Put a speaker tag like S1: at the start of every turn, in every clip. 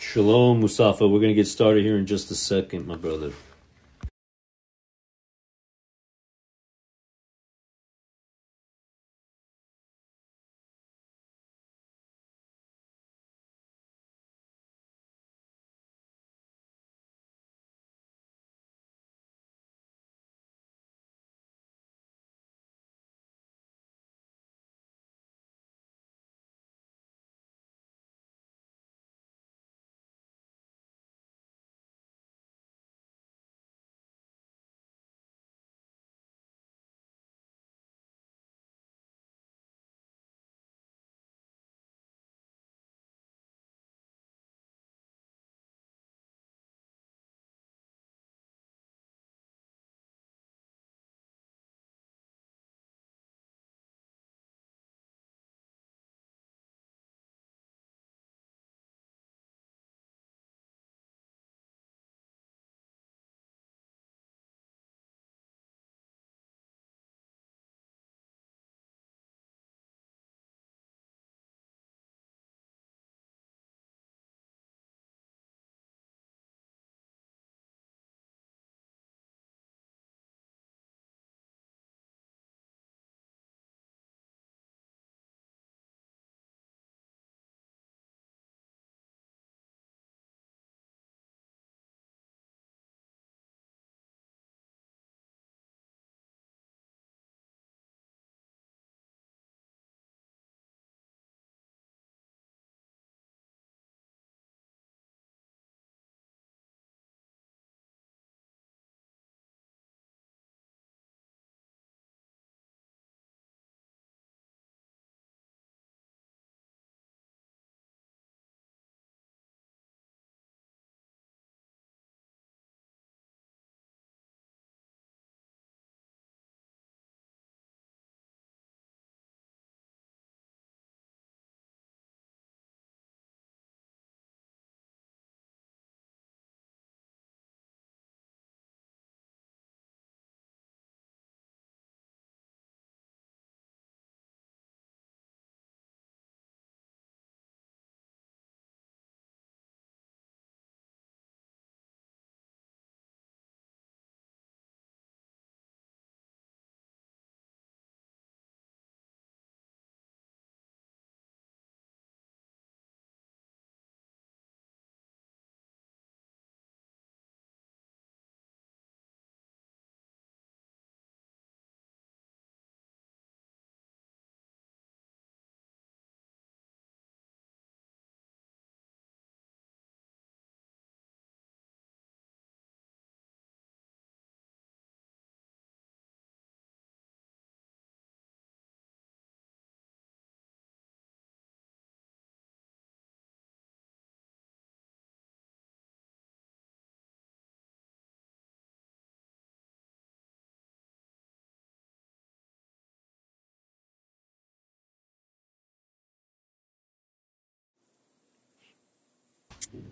S1: Shalom, Musafa. We're going to get started here in just a second, my brother.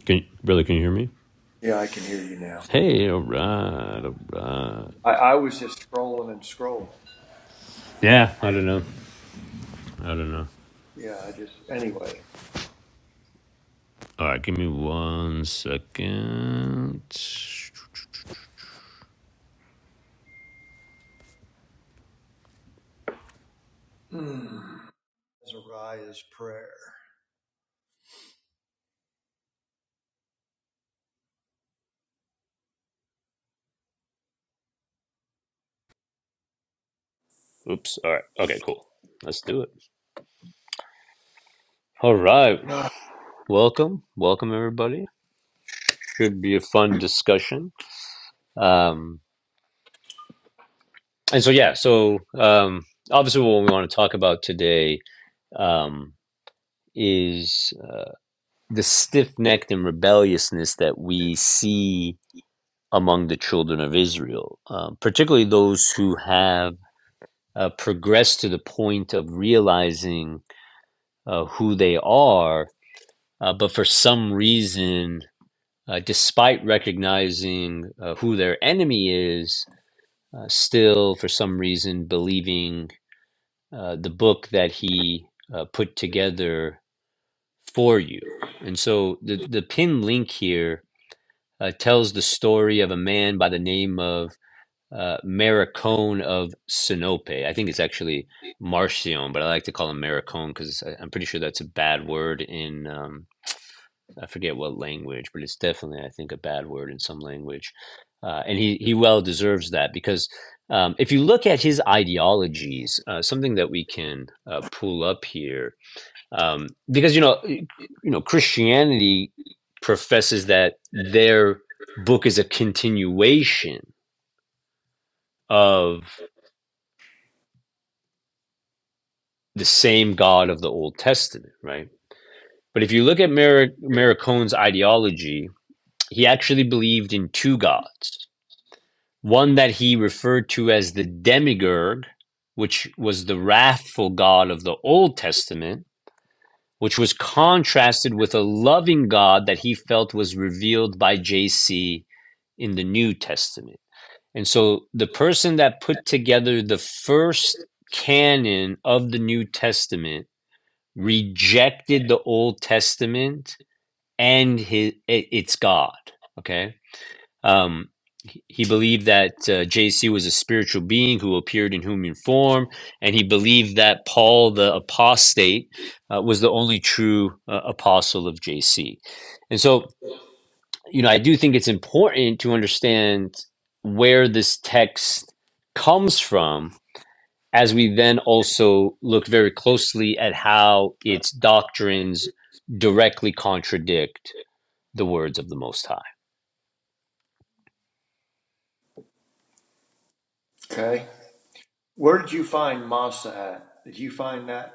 S1: Can you, brother, can you hear me?
S2: Yeah, I can hear you now.
S1: Hey, all right, all right.
S2: I, I was just scrolling and scrolling.
S1: Yeah, I don't know. I don't know.
S2: Yeah, I just anyway.
S1: All right, give me one second.
S2: Hmm. Azariah's prayer.
S1: Oops. All right. Okay, cool. Let's do it. All right.
S2: Ah,
S1: Welcome. Welcome, everybody. Should be a fun discussion. Um, and so, yeah, so um, obviously, what we want to talk about today um, is. the stiff necked and rebelliousness that we see among the children of Israel, um, particularly those who have uh, progressed to the point of realizing uh, who they are, uh, but for some reason, uh, despite recognizing uh, who their enemy is, uh, still for some reason believing uh, the book that he uh, put together for you. And so the, the pin link here uh, tells the story of a man by the name of uh, Maricone of Sinope. I think it's actually Marcion, but I like to call him Maricone because I'm pretty sure that's a bad word in, um, I forget what language, but it's definitely, I think, a bad word in some language. Uh, and he, he well deserves that because um, if you look at his ideologies, uh, something that we can uh, pull up here um, because you know eh, you know Christianity professes that their book is a continuation of the same God of the Old Testament, right? But if you look at Mer- Merricone's ideology, he actually believed in two gods. One that he referred to as the demiurge, which was the wrathful God of the Old Testament, which was contrasted with a loving God that he felt was revealed by JC in the New Testament. And so the person that put together the first canon of the New Testament rejected the Old Testament and his, its God. Okay um, he he believed that uh, JC was a spiritual being who appeared in human form, and he believed that Paul the apostate uh, was the only true uh, apostle of JC. And so, you know, I do think it's important to understand where this text comes from as we then also look very closely at how its doctrines directly contradict the words of the Most High.
S2: Okay. Where did you find Massa at? Did you find that?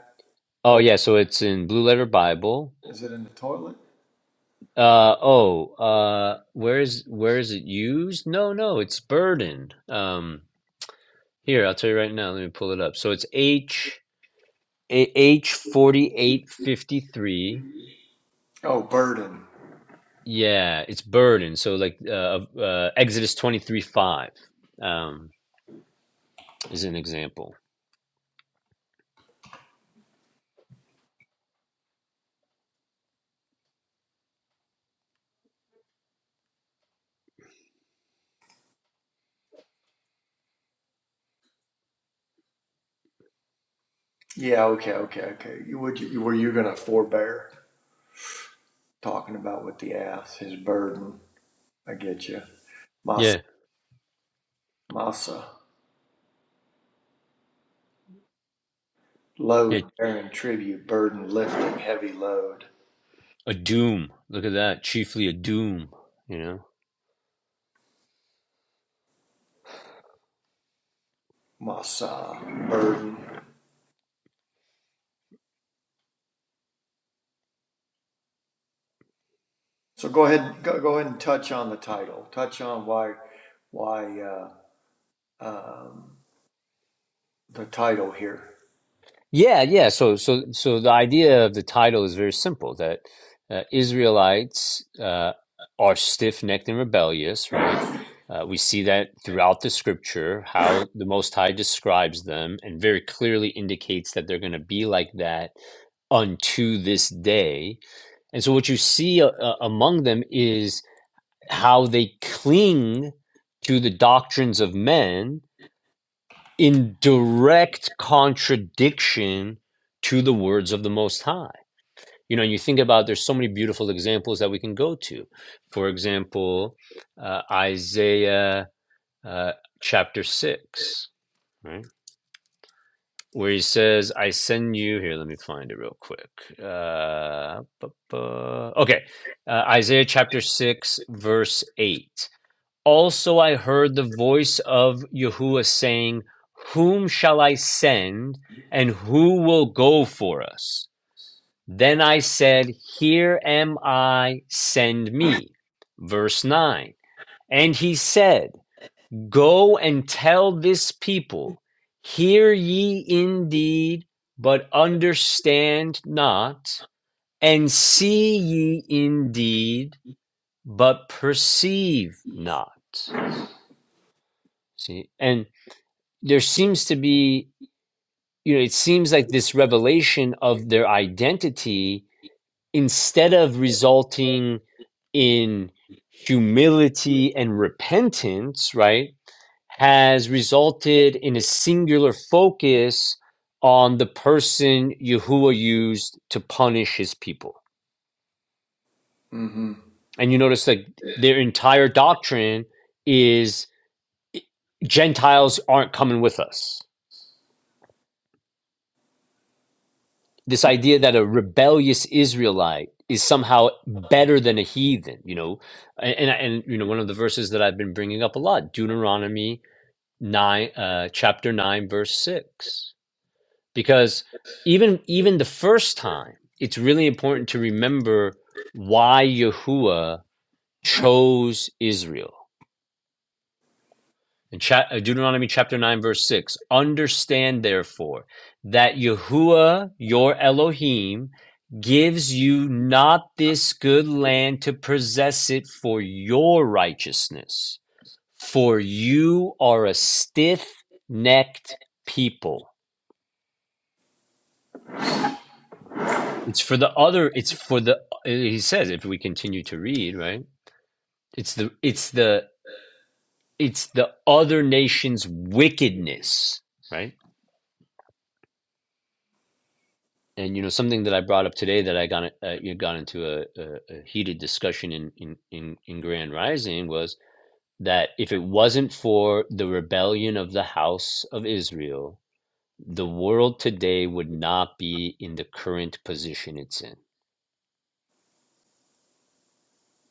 S1: Oh,
S2: Oh,
S1: yeah, so it's in Blue Letter Bible
S2: Is it in the toilet?
S1: Uh oh, uh where is where is it used? No, no, it's burden. Um here, I'll tell you right now. Let me pull it up. So it's H A- H 4853.
S2: oh, burden.
S1: Yeah, it's burden. So like uh, uh Exodus 23 5 um is an example.
S2: Yeah. Okay. Okay. Okay. You would. You, were you gonna forbear talking about with the ass his burden? I get you. Massa.
S1: Yeah.
S2: Massa.
S1: Yeah,
S2: Load, bearing tribute, burden lifting, heavy load.
S1: a doom. Look at that. Chiefly a doom, you know.
S2: Massa. Burden. So go ahead, go, go ahead and touch on the title. Touch on why, why uh, um, the title here.
S1: Yeah, yeah. So, so, so the idea of the title is very simple that uh, Israelites uh, are stiff-necked and rebellious, right? Uh, we see that throughout the scripture, how the Most High describes them and very clearly indicates that they're going to be like that unto this day. And so, what you see uh, uh, among them is how they cling to the doctrines of men in direct contradiction to the words of the Most High. You know, you think about there's so many beautiful examples that we can go to. For example, uh, Isaiah uh, chapter 6, right? Where he says, I send you, here, let me find it real quick. Uh, okay, uh, Isaiah chapter 6, verse 8. Also I heard the voice of Yahuwah saying, Whom shall I send, and who will go for us? Then I said, Here am I, send me. Verse 9. And he said, Go and tell this people, Hear ye indeed, but understand not, and see ye indeed, but perceive not. See, and there seems to be you know it seems like this revelation of their identity instead of resulting in humility and repentance right has resulted in a singular focus on the person Yahuwah used to punish his people.
S2: hmm
S1: And you notice that their entire doctrine is Gentiles aren't coming with us. this idea that a rebellious Israelite is somehow better than a heathen, you know, and, and you know one of the verses that I've been bringing up a lot, Deuteronomy nine, uh, chapter nine, verse six, because even even the first time, it's really important to remember why Yahuwah chose Israel In uh, Deuteronomy chapter 9, verse 6 Understand therefore that Yahuwah your Elohim gives you not this good land to possess it for your righteousness, for you are a stiff necked people. It's for the other, it's for the, he says, if we continue to read, right? It's the, it's the, it's the other nation's wickedness, right? and you know something that I brought up today that I got uh, you got into a, a, a heated discussion in, in in in Grand Rising was that if it wasn't for the rebellion of the House of Israel, the world today would not be in the current position it's in.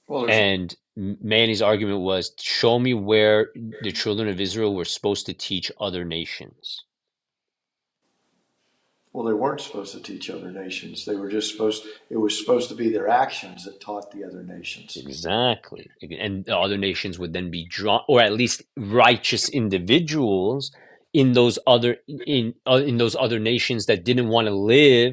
S2: Well, there's
S1: And M- Manny's argument was, show me where the children of Israel were supposed to teach other nations
S2: well, they weren't supposed to teach other nations. They were just supposed. It was supposed to be their actions that taught the other nations.
S1: Exactly. And the other nations would then be drawn, or at least righteous individuals in those other in in, uh, in those other nations that didn't want to live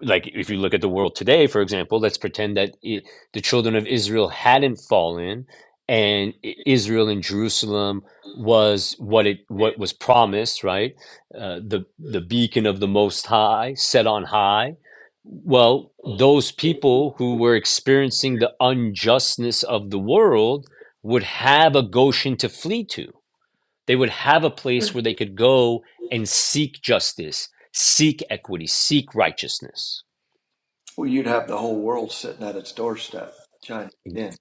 S1: like if you look at the world today, for example, let's pretend that it, the children of Israel hadn't fallen, and I- Israel and Jerusalem was what it what was promised, right? Uh, the the beacon of the Most High, set on high. Well, those people who were experiencing the unjustness of the world would have a Goshen to flee to. They would have a place where they could go and seek justice, seek equity, seek righteousness.
S2: Well, you'd have the whole world sitting at its doorstep, China in.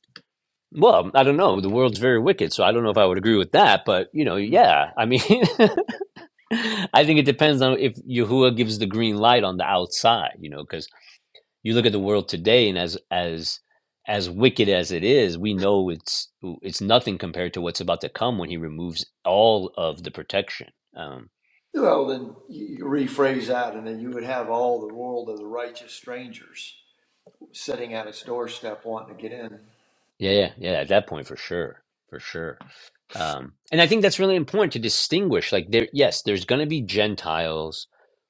S1: Well, I don't know. The world's very wicked, so I don't know if I would agree with that. But you know, yeah. I mean, I think it depends on if Yahuwah gives the green light on the outside. You know, because you look at the world today, and as as as wicked as it is, we know it's it's nothing compared to what's about to come when He removes all of the protection. Um,
S2: Well, then you rephrase that, and then you would have all the world of the righteous strangers sitting at its doorstep, wanting to get in.
S1: yeah, yeah, yeah. At that point, for sure, for sure. um, and i think that's really important to distinguish like there yes there's going to be gentiles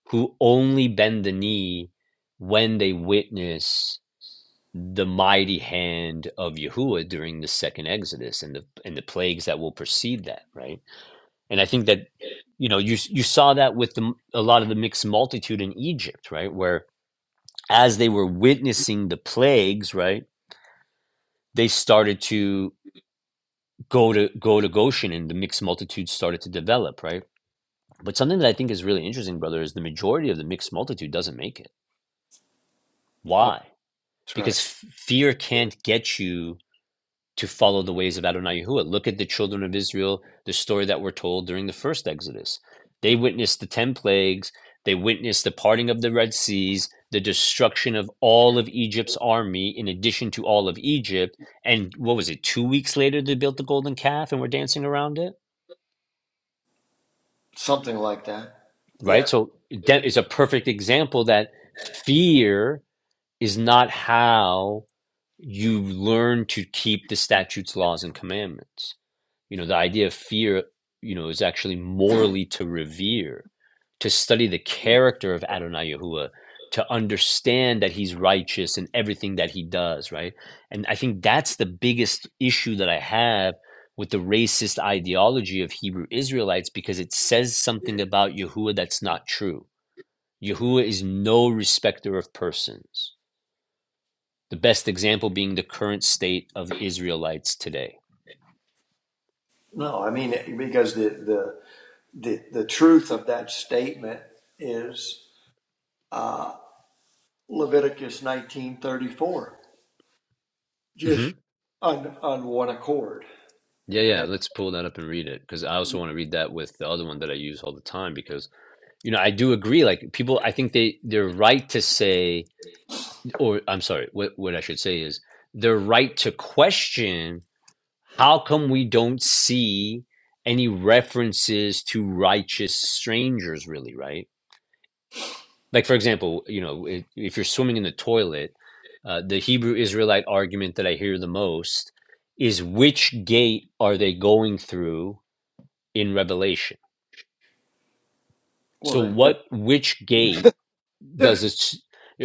S1: who only bend the knee when they witness the mighty hand of Yahuwah during the second exodus and the and the plagues that will precede that right and i think that you know you s- you saw that with the, m- a lot of the mixed multitude in Egypt right where as they were witnessing the plagues right they started to go to go to Goshen and the mixed multitude started to develop right But something that I think is really interesting, brother, is the majority of the mixed multitude doesn't make it.
S2: Oh,
S1: Why?
S2: that's right.
S1: Because f- fear can't get you to follow the ways of Adonai Yahuwah. Look at the children of Israel, the story that we're told during the first Exodus. They witnessed the 10 plagues, they witnessed the parting of the Red Seas, the destruction of all of Egypt's army, in addition to all of Egypt. And what was it, two weeks later, they built the golden calf and were dancing around it?
S2: Something like that. Yeah,
S1: Right? So that is a perfect example that fear is not how you learn to keep the statutes, laws, and commandments. You know, the idea of fear, you know, is actually morally to revere, to study the character of Adonai Yahuwah, to understand that he's righteous in everything that he does, right? And I think that's the biggest issue that I have with the racist ideology of Hebrew Israelites because it says something about Yahuwah that's not true. Yahuwah is no respecter of persons the best example being the current state of Israelites today.
S2: No, I mean because the the the, the truth of that statement is uh, Leviticus nineteen thirty four, just
S1: hmm
S2: on on one accord.
S1: Yeah, yeah.
S2: And,
S1: Let's pull that up and read it because I also want to read that with the other one that I use all the time because you know I do agree. Like people, I think they they're right to say, or I'm sorry, what what I should say is they're right to question how come we don't see any references to righteous strangers, really, right? Like, for example, you know, if, if you're swimming in the toilet, uh, the Hebrew Israelite argument that I hear the most is which gate are they going through in Revelation? So,
S2: well, it,
S1: what, which gate does
S2: it,
S1: it?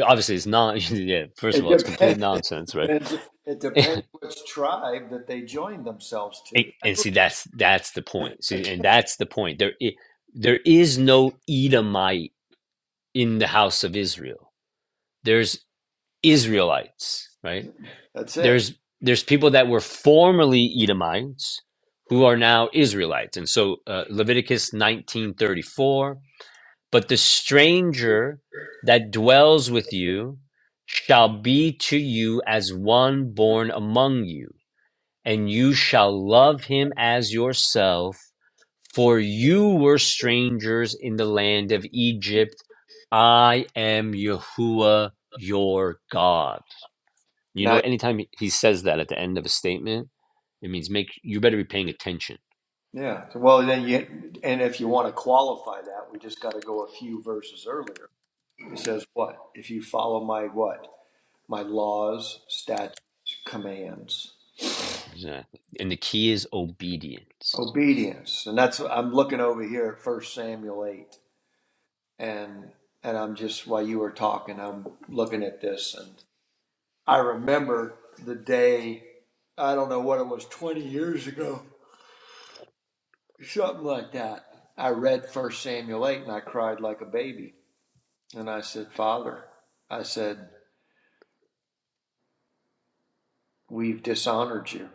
S1: Obviously, it's not. Yeah, first of all, it's complete
S2: depends. It
S1: nonsense, right?
S2: depends. It depends which tribe that they join themselves
S1: And,
S2: to.
S1: and see, that's that's the point. See, and that's the point. There, i- there is no Edomite in the house of Israel. There's Israelites, right?
S2: That's it.
S1: there's there's people that were formerly Edomites who are now Israelites, and so uh, Leviticus nineteen thirty four. But the stranger that dwells with you shall be to you as one born among you, and you shall love him as yourself. For you were strangers in the land of Egypt. I am Yahuwah your God. You know,
S2: Now,
S1: anytime he he says that at the end of a statement, it means make you better be paying attention.
S2: yeah. Well, then you and if you want to qualify that, we just got to go a few verses earlier. It says what? If you follow my what? my laws, statutes, commands,
S1: Exactly. And the key is obedience.
S2: obedience. And that's I'm looking over here at First Samuel 8 and and I'm just while you were talking, I'm looking at this and I remember the day I don't know what it was 20 years ago, something like that. I read First Samuel 8 and I cried like a baby. And I said, "Father, I said, we've dishonored you."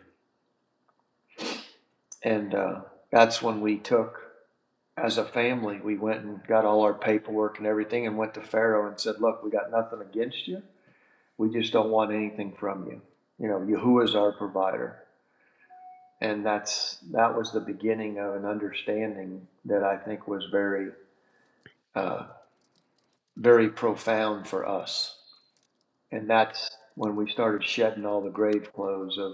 S2: And uh, that's when we took as a family, we went and got all our paperwork and everything and went to Pharaoh and said, Look, we got nothing against you. We just don't want anything from you. You know, Yahuwah is our provider. And that's that was the beginning of an understanding that I think was very, uh, very profound for us. And that's when we started shedding all the grave clothes of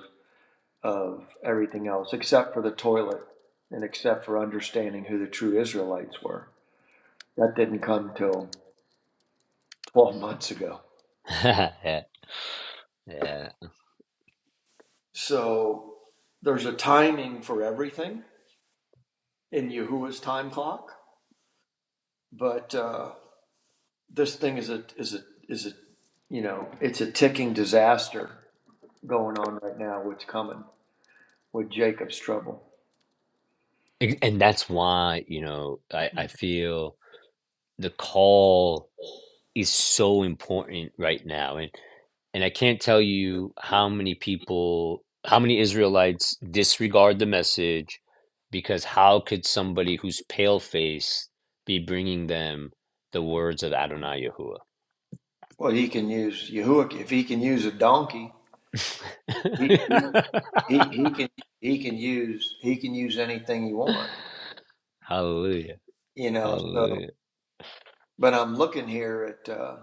S2: of everything else, except for the toilet and except for understanding who the true Israelites were. That didn't come till 12 months ago.
S1: yeah, yeah.
S2: So there's a timing for everything in Yahuwah's time clock, but uh, this thing is a is a is a you know it's a ticking disaster going on right now. What's coming with Jacob's trouble?
S1: And and that's why, you know, I, I feel the call is so important right now. And and I can't tell you how many people, how many Israelites disregard the message because how could somebody who's pale faced be bringing them the words of Adonai Yahuwah?
S2: Well, he can use Yahuwah if he can use a donkey. He he he, he can he can use he can use anything he wants.
S1: Hallelujah.
S2: You know. So,
S1: Hallelujah.
S2: but I'm looking here at. Uh,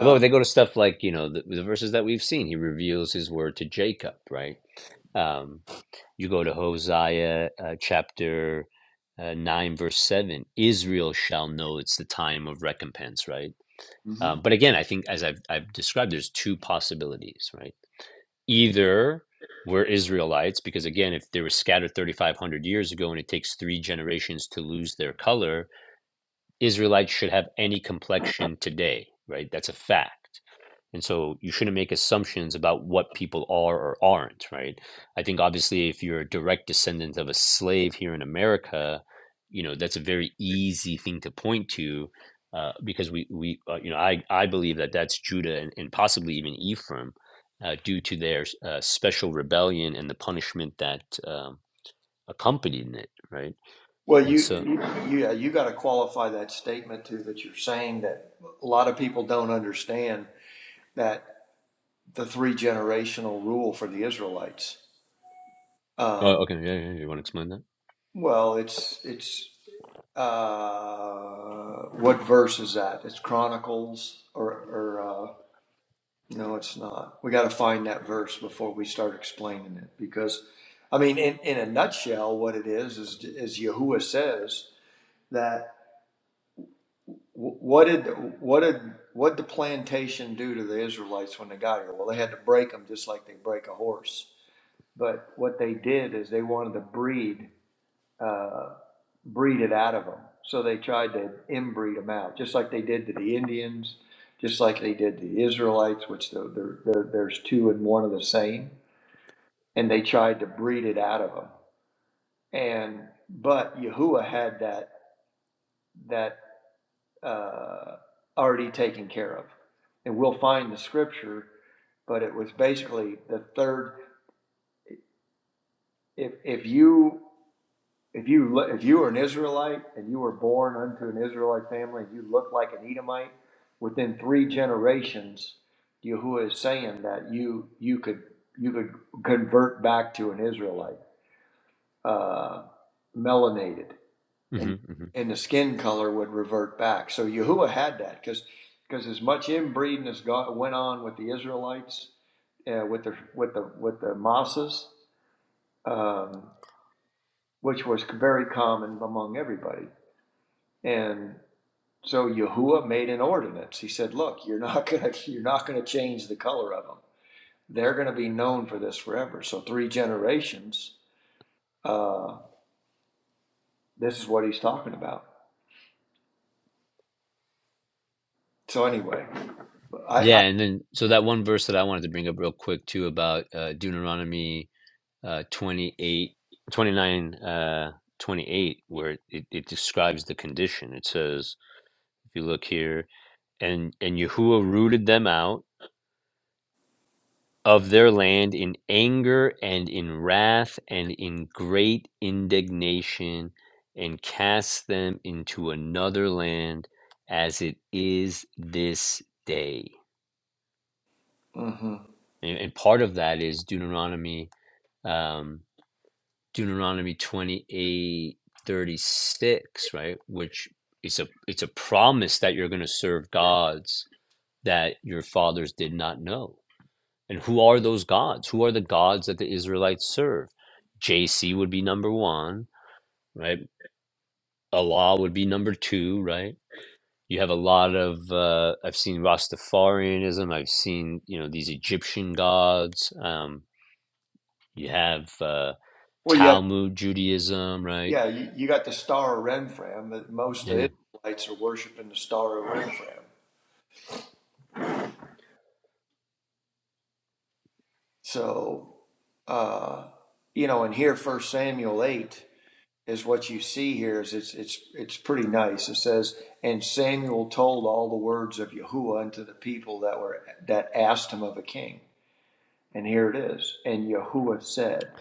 S1: Well, they go to stuff like, you know, the, the verses that we've seen. He reveals his word to Jacob, right? Um, you go to Hosea uh, chapter uh, 9, verse 7. Israel shall know it's the time of recompense, right? Um, but again, I think as I've, I've described, there's two possibilities, right? Either we're Israelites, because again, if they were scattered 3,500 years ago and it takes three generations to lose their color, Israelites should have any complexion today, right? That's a fact. And so you shouldn't make assumptions about what people are or aren't, right? I think obviously if you're a direct descendant of a slave here in America, you know, that's a very easy thing to point to uh, because we, we uh, you know, I, I believe that that's Judah and, and possibly even Ephraim uh, due to their uh, special rebellion and the punishment that um, accompanied it, right?
S2: Well,
S1: And so,
S2: you, you yeah, you got to qualify that statement too that you're saying that a lot of people don't understand that the three generational rule for the Israelites. Um,
S1: oh, okay, yeah, yeah, you want to explain that?
S2: well, it's it's uh, what verse is that? It's Chronicles or or uh, no, it's not. We got to find that verse before we start explaining it because, I mean, in, in a nutshell, what it is is is Yahuwah says that. Wh- What did what did what did the plantation do to the Israelites when they got here? Well, they had to break them just like they break a horse. But what they did is they wanted to breed uh, breed it out of them. So they tried to inbreed them out, just like they did to the Indians, just like they did to the Israelites, which the, the, the, there's two and one of the same. And they tried to breed it out of them. And but Yahuwah had that that uh, already taken care of. And we'll find the scripture, but it was basically the third. If, if you if you if you were an Israelite and you were born unto an Israelite family, and you looked like an Edomite. Within three generations, Yahuwah is saying that you you could you could convert back to an Israelite, uh, melanated. and
S1: hmm
S2: and the skin color would revert back. So Yahuwah had that because because as much inbreeding as God went on with the Israelites uh, with the with the with the Massas, um, which was very common among everybody, and so Yahuwah made an ordinance. He said, "Look, you're not gonna you're not gonna change the color of them. They're gonna be known for this forever. So three generations. Uh, this is what he's talking about. So anyway, I,
S1: Yeah,
S2: I
S1: and then so that one verse that I wanted to bring up real quick too about uh, Deuteronomy uh, 28, twenty-nine, uh, 28, where it, it describes the condition. It says, if you look here, and and Yahuwah rooted them out of their land in anger and in wrath and in great indignation, and cast them into another land as it is this day.
S2: mhm.
S1: And, and part of that is Deuteronomy um, Deuteronomy 28 36 right? Which it's a it's a promise that you're going to serve gods that your fathers did not know. And who are those gods? Who are the gods that the Israelites serve? JC would be number one, right? Allah would be number two, right? You have a lot of uh, I've seen Rastafarianism. I've seen you know these Egyptian gods. Um, you have uh,
S2: well, yeah.
S1: Talmud Judaism, right?
S2: Yeah, you, you got the star of Renfram, but most of the Israelites are worshiping the star of Renfram. So, uh, you know, and here, First Samuel eight is what you see here. Is it's it's it's pretty nice. It says, "And Samuel told all the words of Yahuwah unto the people that were that asked him of a king." And here it is. And Yahuwah said.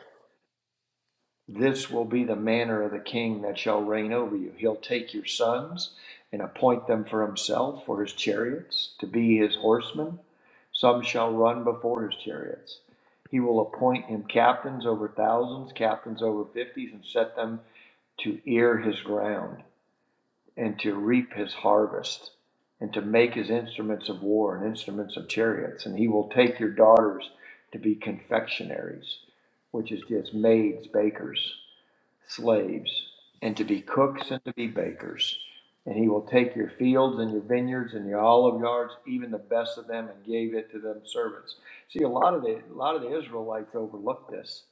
S2: This will be the manner of the king that shall reign over you. He'll take your sons and appoint them for himself, for his chariots, to be his horsemen. Some shall run before his chariots. He will appoint him captains over thousands, captains over fifties, and set them to ear his ground, and to reap his harvest, and to make his instruments of war and instruments of chariots. And he will take your daughters to be confectionaries, which is just maids, bakers slaves and to be cooks and to be bakers. And he will take your fields and your vineyards and your olive yards, even the best of them, and gave it to them servants. See, a lot of the a lot of the Israelites overlooked this.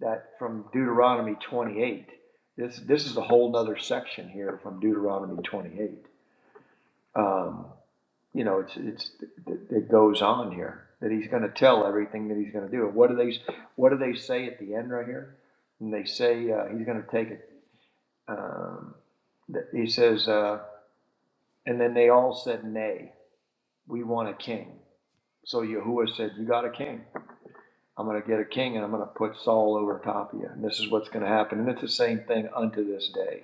S2: That from Deuteronomy 28. This this is a whole nother section here from Deuteronomy 28. Um, you know, it's it's it goes on here that he's going to tell everything that he's going to do. What do they what do they say at the end right here? And they say uh, he's going to take it um, he says, uh, and then they all said, Nay, we want a king. So Yahuwah said, You got a king. I'm going to get a king and I'm going to put Saul over top of you. And this is what's going to happen. And it's the same thing unto this day.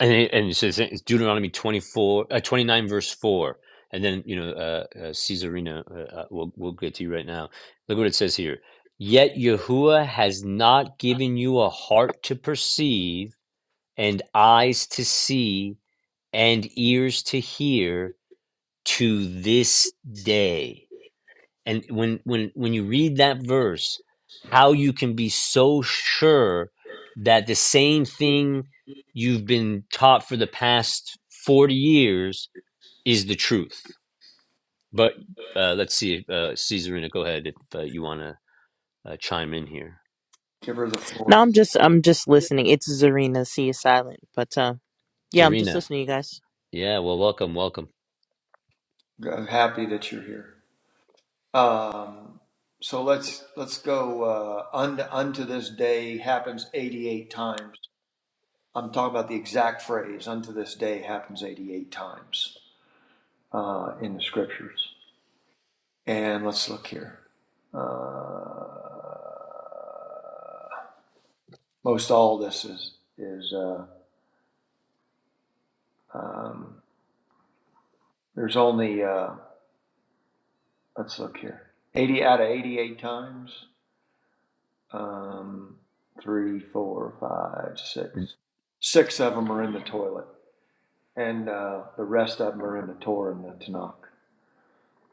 S1: and it, and it says it's Deuteronomy 24, uh, 29, verse 4. And then, you know, uh, uh, Caesarina, uh, uh, we'll, we'll get to you right now. Look what it says here. Yet Yahuwah has not given you a heart to perceive, and eyes to see, and ears to hear to this day and when when when you read that verse how you can be so sure that the same thing you've been taught for the past 40 years is the truth but uh, let's see if uh, caesarina go ahead if uh, you want to uh, chime in here
S2: Give her the
S3: No,
S2: floor.
S3: I'm just I'm just listening. It's Zarina. She is silent, but uh, yeah, I'm just
S1: serena
S3: listening, you guys.
S1: yeah well welcome welcome
S2: I'm happy that you're here. Um, so let's let's go uh, unto, unto this day happens 88 times. I'm talking about the exact phrase unto this day happens 88 times uh, in the scriptures. And let's look here. Uh, most all of this is is uh, um, there's only uh, let's look here. 80 out of 88 times, um, three, four, five, six. Six of them are in the toilet, and uh, the rest of them are in the Torah and the Tanakh.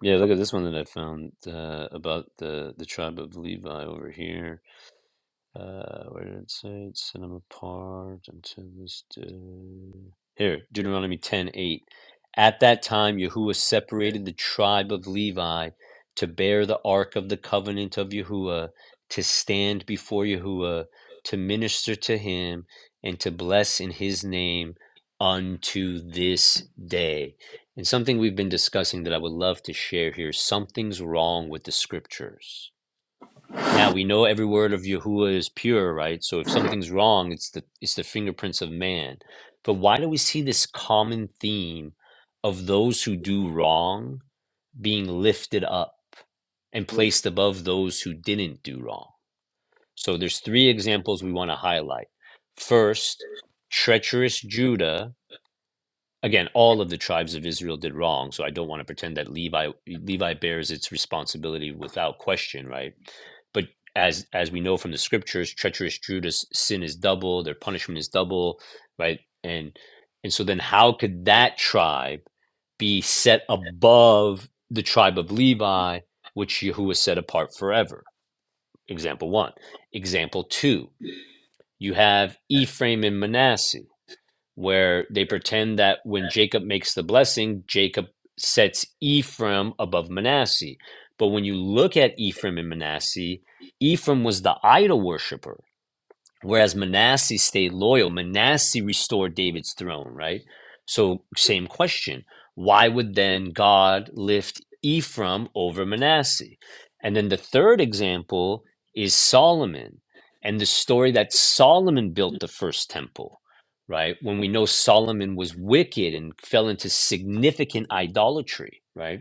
S1: yeah look at this one that i found uh, about the the tribe of levi over here Uh, where did it say it set them apart until this day? Here, Deuteronomy ten eight. At that time, Yahuwah separated the tribe of Levi to bear the ark of the covenant of Yahuwah, to stand before Yahuwah, to minister to him, and to bless in his name unto this day. And something we've been discussing that I would love to share here something's wrong with the scriptures now we know every word of Yahuwah is pure, right? So if something's wrong, it's the it's the fingerprints of man. But why do we see this common theme of those who do wrong being lifted up and
S2: So,
S1: placed above those who didn't do wrong? So there's three examples we want to highlight. First, treacherous Judah Again, all of the tribes of Israel did wrong, so I don't want to pretend that Levi Levi bears its responsibility without question, right? But as as we know from the scriptures, treacherous Judas sin is double, their punishment is double, right? And and so then how could that tribe be set above the tribe of Levi, which who was set apart forever? Example one. Example two, you have Ephraim and Manasseh where they pretend that when Jacob makes the blessing, Jacob sets Ephraim above Manasseh. But when you look at Ephraim and Manasseh, Ephraim was the idol worshiper. Whereas Manasseh stayed loyal. Manasseh restored David's throne, right? So, same question. Why would then God lift Ephraim over Manasseh? And then the third example is Solomon and the story that Solomon built the first temple, right? When we know Solomon was wicked and fell into significant idolatry, right?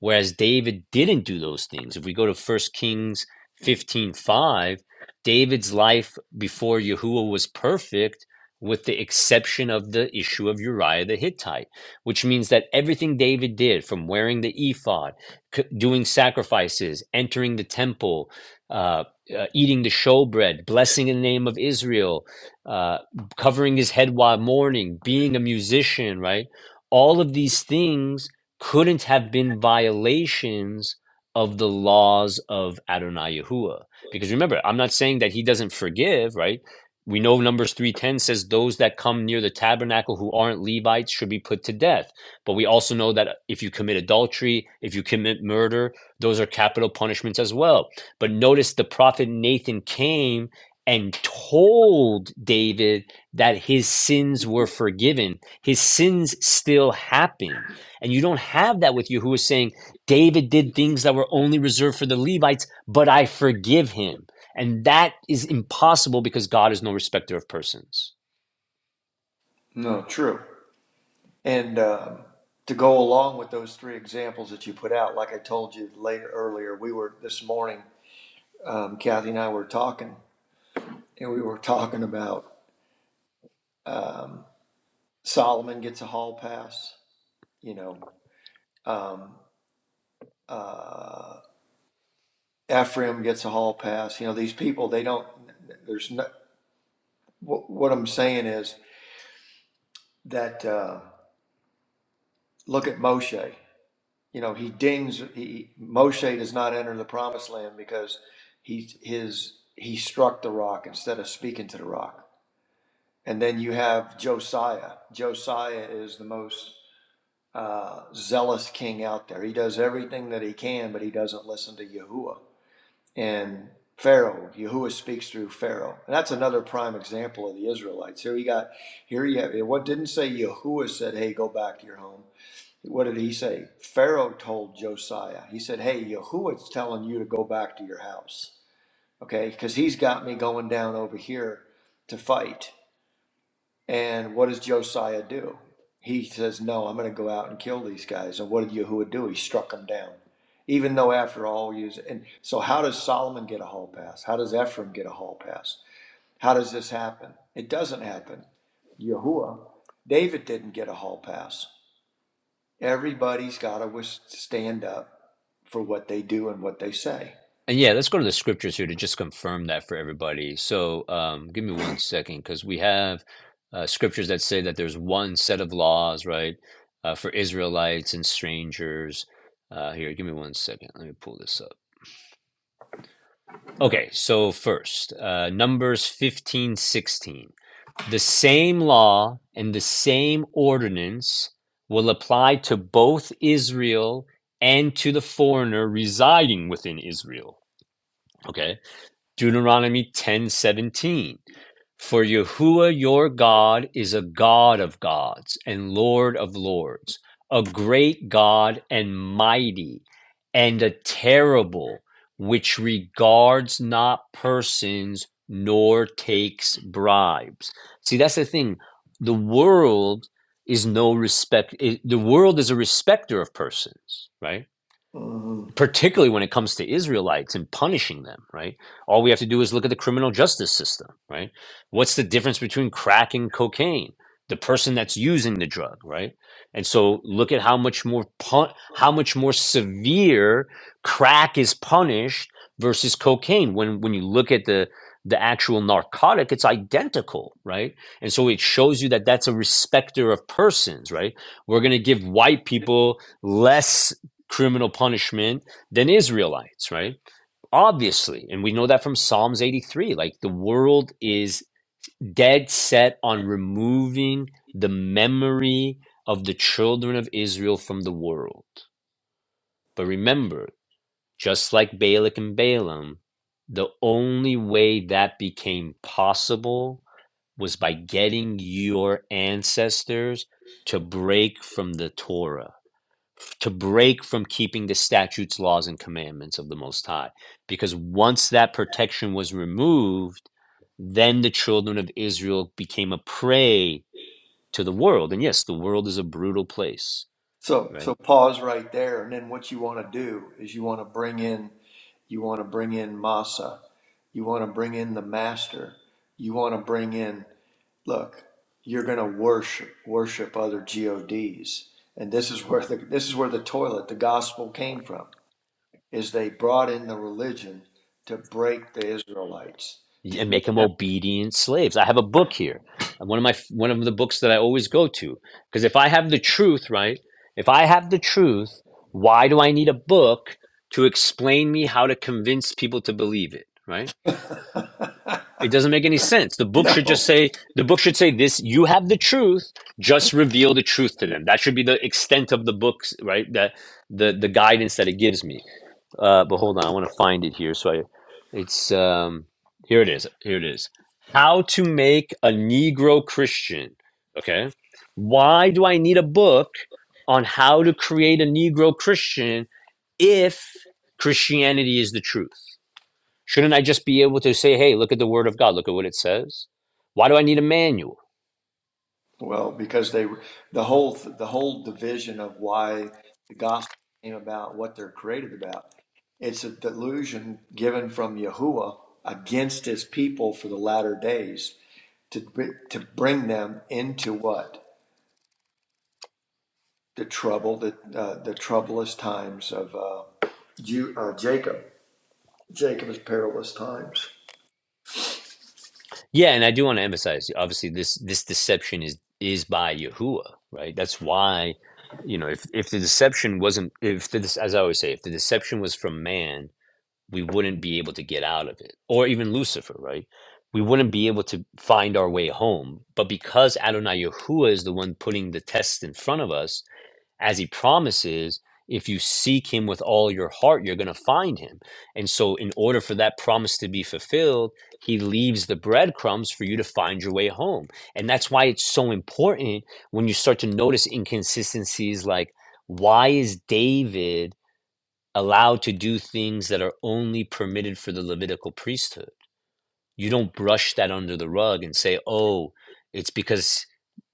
S1: Whereas David didn't do those things. If we go to First Kings 15 5, David's life before Yahuwah was perfect, with the exception of the issue of Uriah the Hittite, which means that everything David did from wearing the ephod, c- doing sacrifices, entering the temple, uh, uh, eating the showbread, blessing in the name of Israel, uh, covering his head while mourning, being a musician, right? All of these things couldn't have been violations of the laws of Adonai Yahuwah. Because remember, I'm not saying that he doesn't forgive, right? We know Numbers 3:10 says those that come near the tabernacle who aren't Levites should be put to death. But we also know that if you commit adultery, if you commit murder, those are capital punishments as well. But notice the prophet Nathan came and told David that his sins were forgiven. His sins still happened and you don't have that with you who is saying, David did things that were only reserved for the Levites, but I forgive him. And that is impossible because God is no respecter of persons.
S2: no, true. And um, to go along with those three examples that you put out, like I told you later earlier, we were this morning, um, Kathy and I were talking, and we were talking about um, Solomon gets a hall pass, you know, um, uh, Ephraim gets a hall pass. You know, these people, they don't, there's no, what, what I'm saying is that uh, look at Moshe. you know, he dings he, Moshe does not enter the promised land because he his he struck the rock instead of speaking to the rock. And then you have Josiah. Josiah is the most uh, zealous king out there. He does everything that he can, but he doesn't listen to Yahuwah and Pharaoh. Yahuwah speaks through Pharaoh, and that's another prime example of the Israelites. Here you got here you have what didn't say Yahuwah said, "Hey, go back to your home." what did he say? Pharaoh told Josiah, he said, Hey, Yahuwah's telling you to go back to your house, okay? Because he's got me going down over here to fight. And what does Josiah do? He says, No, I'm going to go out and kill these guys. And what did Yahuwah do? He struck them down. Even though, after all, he was, and so how does Solomon get a hall pass? How does Ephraim get a hall pass? How does this happen? It doesn't happen. Yahuwah, David didn't get a hall pass. Everybody's got to stand up for what they do and what they say.
S1: And yeah, let's go to the scriptures here to just confirm that for everybody. So um, give me one second because we have uh, scriptures that say that there's one set of laws, right, uh, for Israelites and strangers. Uh, here, give me one second. Let me pull this up. Okay, so first, uh, Numbers fifteen sixteen. The same law and the same ordinance will apply to both Israel and to the foreigner residing within Israel. Okay. Deuteronomy 10 17. For Yahuwah your God is a God of gods and Lord of lords, a great God and mighty, and a terrible, which regards not persons nor takes bribes. See, that's the thing. The world is no respect, it- the world is a respecter of persons, right?
S2: Mhm.
S1: particularly when it comes to Israelites and punishing them, right? All we have to do is look at the criminal justice system, right? What's the difference between crack and cocaine? The person that's using the drug, right? And so look at how much more pun- how much more severe crack is punished versus cocaine. When when you look at the the actual narcotic, it's identical, right? And so it shows you that that's a respecter of persons, right? We're going to give white people less criminal punishment than Israelites, right? Obviously. And we know that from Psalms 83. Like the world is dead set on removing the memory of the children of Israel from the world. But remember, just like Balak and Balaam, the only way that became possible was by getting your ancestors to break from the Torah to break from keeping the statutes, laws, and commandments of the Most High. Because once that protection was removed, then the children of Israel became a prey to the world. And yes, the world is a brutal place,
S2: So, so
S1: right?
S2: pause right there, and then what you want to do is you want to bring in, you want to bring in Masa, you want to bring in the Master, you want to bring in. Look, you're going to worship worship other gods, and this is where the this is where the toilet, the gospel came from, is they brought in the religion to break the Israelites to
S1: And
S2: get
S1: make them
S2: them.
S1: obedient slaves. I have a book here, uh, one of my one of the books that I always go to, because if I have the truth, right? If I have the truth, why do I need a book to explain me how to convince people to believe it, right? It doesn't make any sense. The book should
S2: no,
S1: just say the book should say this: you have the truth. Just reveal the truth to them. That should be the extent of the books, right? That the the guidance that it gives me. Uh, but hold on, I want to find it here. So I, it's um, here it is. Here it is. How to make a Negro Christian. Okay, why do I need a book on how to create a Negro Christian if Christianity is the truth? Shouldn't I just be able to say, hey, look at the word of God, look at what it says? Why do I need a manual?
S2: Well, because they were the whole the whole division of why the gospel came about, what they're created about. It's a delusion given from Yahuwah against his people for the latter days to to bring them into what the trouble the uh, the troublous times of uh, Ju- uh, Jacob Jacob's perilous times.
S1: Yeah, and I do want to emphasize, obviously, this this deception is is by Yahuwah, right? That's why, you know, if if the deception wasn't, if the, as I always say, if the deception was from man, we wouldn't be able to get out of it, or even Lucifer, right? We wouldn't be able to find our way home. But because Adonai Yahuwah is the one putting the test in front of us, as he promises if you seek him with all your heart you're going to find him and so in order for that promise to be fulfilled he leaves the breadcrumbs for you to find your way home and that's why it's so important when you start to notice inconsistencies like why is david allowed to do things that are only permitted for the levitical priesthood you don't brush that under the rug and say oh it's because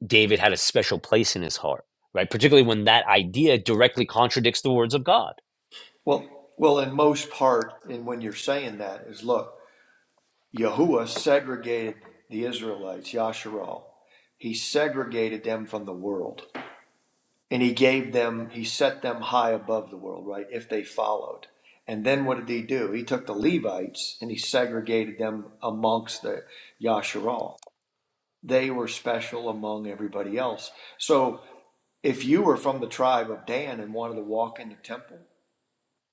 S1: David had a special place in his heart, right? Particularly when that idea directly contradicts the words of God
S2: Well, well, in most part, and when you're saying that is look. Yahuwah segregated the Israelites, Yasharal. He segregated them from the world. And he gave them, he set them high above the world, right? If they followed. And then what did he do? He took the Levites and he segregated them amongst the Yasharal. They were special among everybody else. So if you were from the tribe of Dan and wanted to walk in the temple,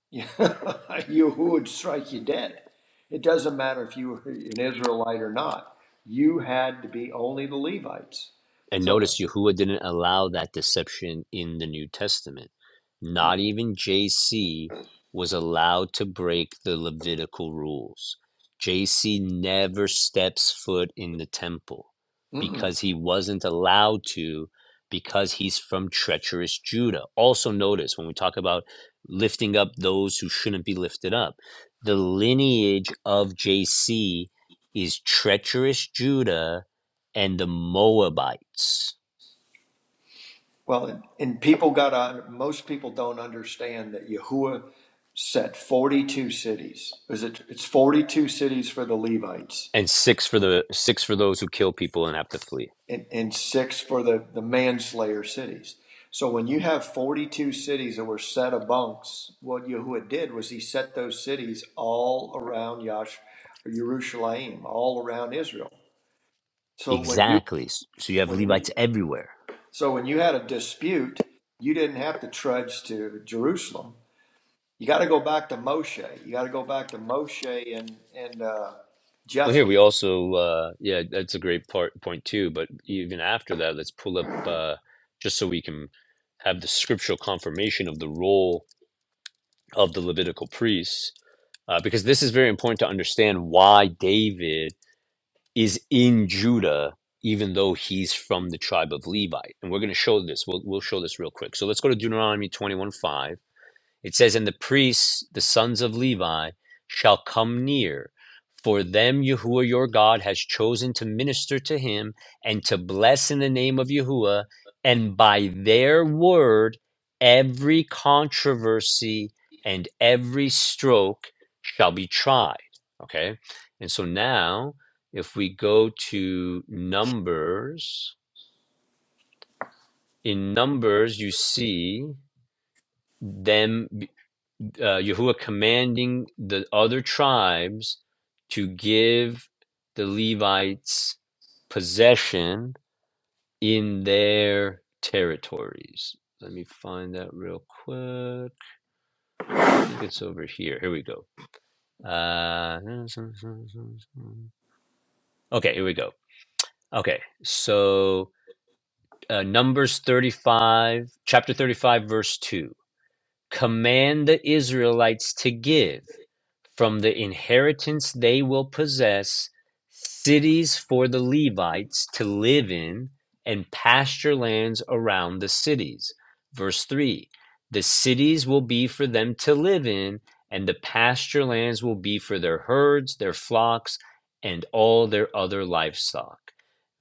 S2: Yahoo would strike you dead. It doesn't matter if you were an Israelite or not. You had to be only the Levites.
S1: And
S2: So,
S1: notice Yahuwah didn't allow that deception in the New Testament. Not even JC was allowed to break the Levitical rules. JC never steps foot in the temple
S2: I mean, mm-mm.
S1: because he wasn't allowed to, because he's from treacherous Judah. Also, notice when we talk about lifting up those who shouldn't be lifted up, the lineage of JC is treacherous Judah and the Moabites.
S2: well, and, and people got on. Most people don't understand that Yahuwah set forty-two cities. Is it? It's forty-two cities for the Levites.
S1: and six for the six for those who kill people and have to flee.
S2: and, and six for the, the manslayer cities. So when you have 42 cities that were set amongst, what Yahuwah did was he set those cities all around Yash, or Yerushalayim, all around Israel. So when you
S1: Exactly. So you have
S2: when you
S1: Levites everywhere.
S2: so when you had a dispute, you didn't have to trudge to Jerusalem. You got to go back to Moshe. You got to go back to Moshe and and uh,
S1: Well, here
S2: Jethro.
S1: we also, uh, yeah, that's a great part point too. But even after that, let's pull up uh, just so we can have the scriptural confirmation of the role of the Levitical priests, uh, because this is very important to understand why David is in Judah, even though he's from the tribe of Levi. And we're going to show this. We'll, we'll show this real quick. So let's go to Deuteronomy twenty-one five. It says, And the priests, the sons of Levi, shall come near, for them Yahuwah your God has chosen to minister to him and to bless in the name of Yahuwah, and by their word every controversy and every stroke shall be tried. Okay? And so now, if we go to Numbers, in Numbers, you see them. uh, Yahuwah commanding the other tribes to give the Levites possession in their territories. Let me find that real quick. I think it's over here. Here we go. Uh, okay, here we go. Okay, so uh, Numbers 35, chapter 35, verse 2. Command the Israelites to give from the inheritance they will possess cities for the Levites to live in and pasture lands around the cities. Verse 3 The cities will be for them to live in, and the pasture lands will be for their herds, their flocks, and all their other livestock.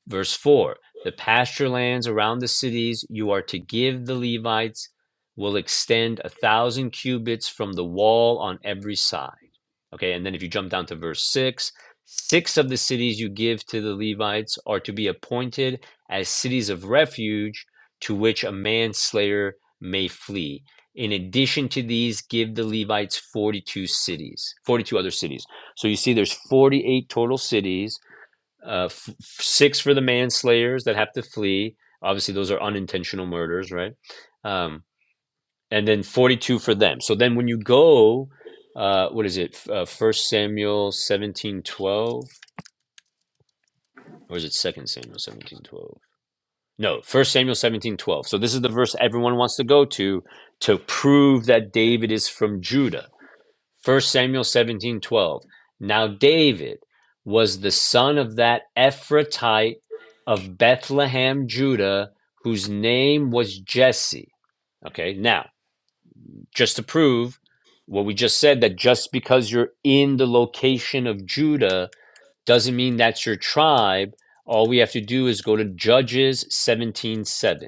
S1: Verse 4 The pasture lands around the cities you are to give the Levites will extend a thousand cubits from the wall on every side. Okay, and then if you jump down to verse 6, six of the cities you give to the Levites are to be appointed as cities of refuge to which a manslayer may flee. In addition to these, give the Levites 42 cities, 42 other cities. So you see there's 48 total cities uh, f- six for the manslayers that have to flee. Obviously, those are unintentional murders, right? Um, and then 42 for them. So then when you go, uh, what is it? F- Uh, 1 Samuel 17:12 or is it Second Samuel 17:12? No, First Samuel 17:12. So this is the verse everyone wants to go to to prove that David is from Judah First Samuel 17 12. Now David was the son of that Ephratite of Bethlehem, Judah, whose name was Jesse. Okay, now, just to prove what we just said, that just because you're in the location of Judah doesn't mean that's your tribe. All we have to do is go to Judges 17 7.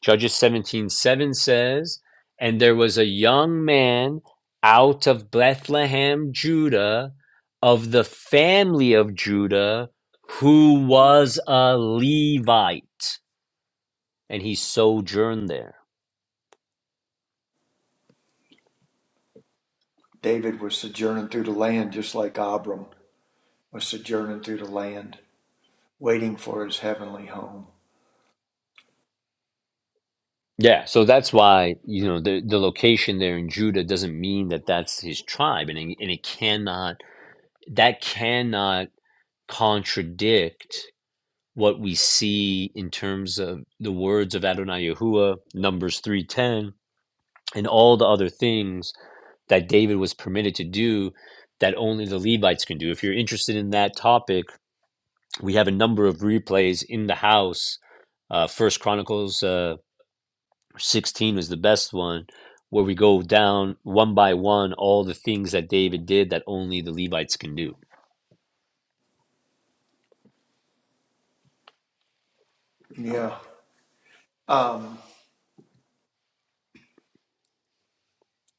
S1: Judges 17 7 says, And there was a young man out of Bethlehem, Judah, of the family of Judah, who was a Levite, and he sojourned there.
S2: David was sojourning through the land, just like Abram was sojourning through the land. waiting for his heavenly home.
S1: Yeah, so that's why, you know, the, the location there in Judah doesn't mean that that's his tribe, and it, and it cannot, that cannot contradict what we see in terms of the words of Adonai Yahuwah, Numbers 3:10, and all the other things that David was permitted to do that only the Levites can do. If you're interested in that topic, we have a number of replays in the house. Uh, First Chronicles uh, 16 was the best one, where we go down one by one all the things that David did that only the Levites can do.
S2: Yeah. Um,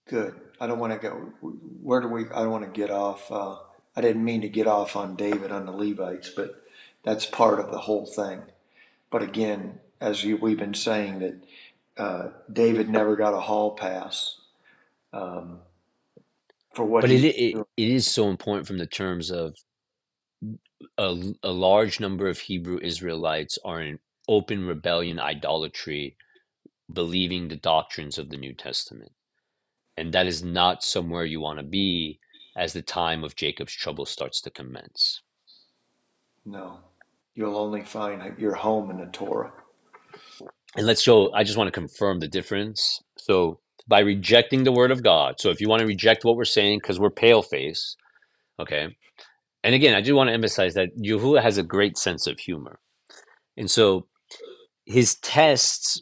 S2: good. I don't want to go. Where do we? I don't want to get off. Uh, I didn't mean to get off on David on the Levites, but that's part of the whole thing. But again, as you, we've been saying, that uh, David never got a hall pass um, for what
S1: But
S2: he
S1: it,
S2: was
S1: it,
S2: doing.
S1: it is so important from the terms of a, l- a large number of Hebrew Israelites are in open rebellion, idolatry, believing the doctrines of the New Testament. And that is not somewhere you want to be as the time of Jacob's trouble starts to commence.
S2: No, you'll only find your home in the Torah.
S1: And let's show, I just want to confirm the difference. So, by rejecting the word of God, so if you want to reject what we're saying, because we're pale face, okay? And again, I do want to emphasize that Yahuwah has a great sense of humor. And so his tests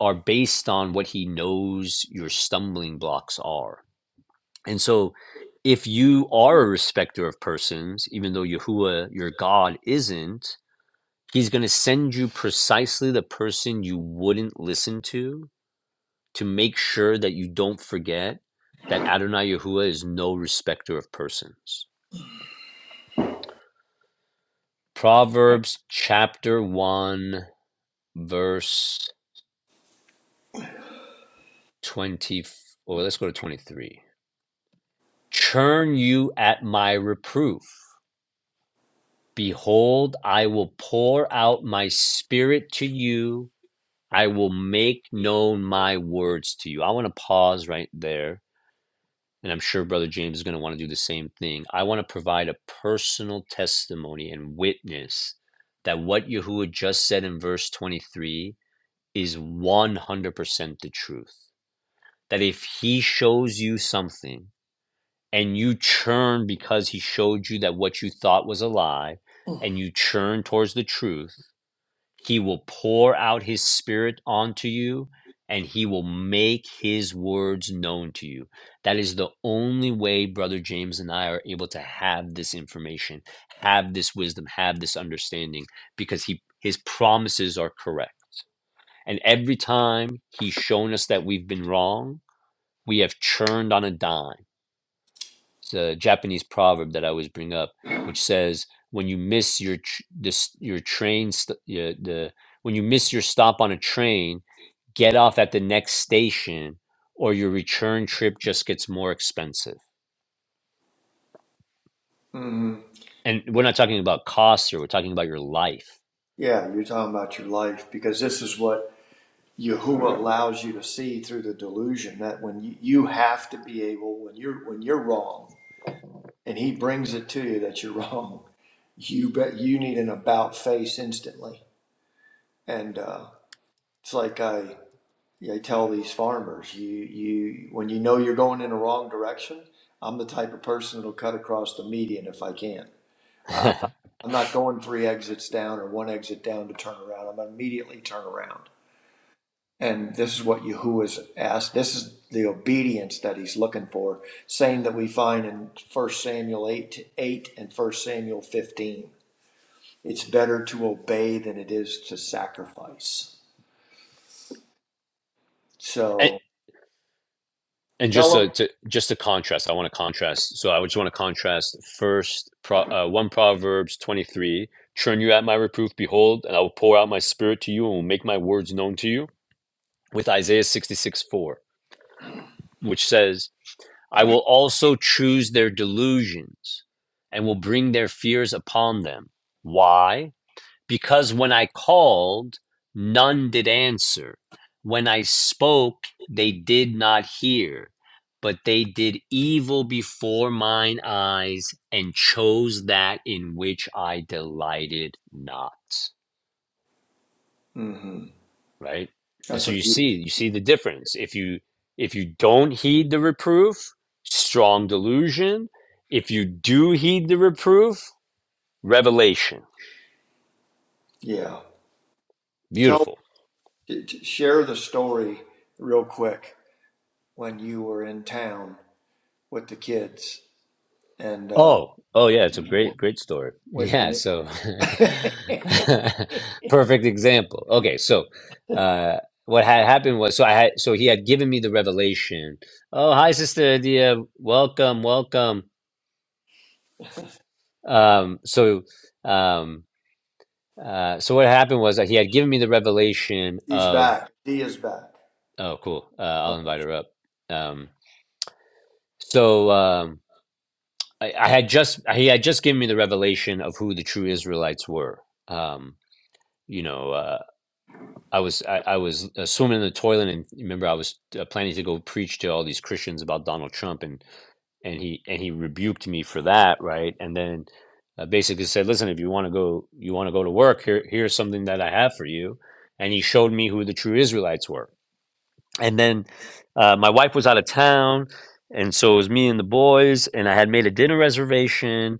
S1: are based on what he knows your stumbling blocks are. And so if you are a respecter of persons, even though Yahuwah, your God, isn't, he's going to send you precisely the person you wouldn't listen to to make sure that you don't forget that Adonai Yahuwah is no respecter of persons. Proverbs chapter 1, verse 20, or let's go to 23. Churn you at my reproof. Behold, I will pour out my spirit to you. I will make known my words to you. I want to pause right there. And I'm sure Brother James is going to want to do the same thing. I want to provide a personal testimony and witness that what Yahuwah just said in verse 23 is 100% the truth. That if he shows you something and you churn because he showed you that what you thought was a lie, and you churn towards the truth, He will pour out his spirit onto you and he will make his words known to you. That is the only way brother James and I are able to have this information, have this wisdom, have this understanding because he his promises are correct. And every time he's shown us that we've been wrong, we have churned on a dime it's a Japanese proverb that I always bring up, which says, "When you miss your tr- this your train st- yeah, the when you miss your stop on a train, get off at the next station, or your return trip just gets more expensive."
S2: hmm
S1: And we're not talking about costs here; we're talking about your life.
S2: Yeah, you're talking about your life because this is what Yahuwah allows you to see through the delusion that when you, you have to be able when you're when you're wrong and he brings it to you that you're wrong, you bet you need an about face instantly. And uh, it's like I I tell these farmers, you you when you know you're going in the wrong direction, I'm the type of person that'll cut across the median if I can. I- am not I'm not going three exits down or one exit down to turn around. I'm gonna immediately turn around And this is what Yahuwah's asked. This is the obedience that he's looking for, same that we find in First Samuel 8, 8 and First Samuel 15. It's better to obey than it is to sacrifice.
S1: and,
S2: So
S1: and just
S2: tell
S1: so
S2: them,
S1: to just to contrast, I want to contrast. So I just want to contrast first pro, uh, one Proverbs twenty three. Turn you at my reproof, behold, and I will pour out my spirit to you and will make my words known to you with Isaiah 66 4, which says, I will also choose their delusions and will bring their fears upon them. Why? Because when I called, none did answer. When I spoke, they did not hear. But they did evil before mine eyes and chose that in which I delighted not.
S2: hmm
S1: right? And
S2: that's
S1: so
S2: a
S1: you see,
S2: beaut-
S1: you see the difference. If you if you don't heed the reproof, strong delusion. If you do heed the reproof, revelation.
S2: yeah. Tell,
S1: Beautiful.
S2: share the story real quick when you were in town with the kids and uh,
S1: Oh, oh yeah, it's a great, great story. Yeah,
S2: when
S1: so
S2: and
S1: perfect example. Okay, so uh what had happened was so I had so he had given me the revelation. Oh, hi, sister Adia. Welcome, welcome. Um, so um Uh, so what happened was that he had given me the revelation
S2: he's
S1: of
S2: back. He is back.
S1: oh cool uh, I'll
S2: Oh,
S1: invite her up. Um, so um, I, I had just he had just given me the revelation of who the true Israelites were. Um, you know uh, I was I, I was uh, swimming in the toilet and remember I was uh, planning to go preach to all these Christians about Donald Trump and and he and he rebuked me for that right and then uh, basically said listen if you want to go you want to go to work here here's something that I have for you and he showed me who the true Israelites were and then uh, my wife was out of town and so it was me and the boys and i had made a dinner reservation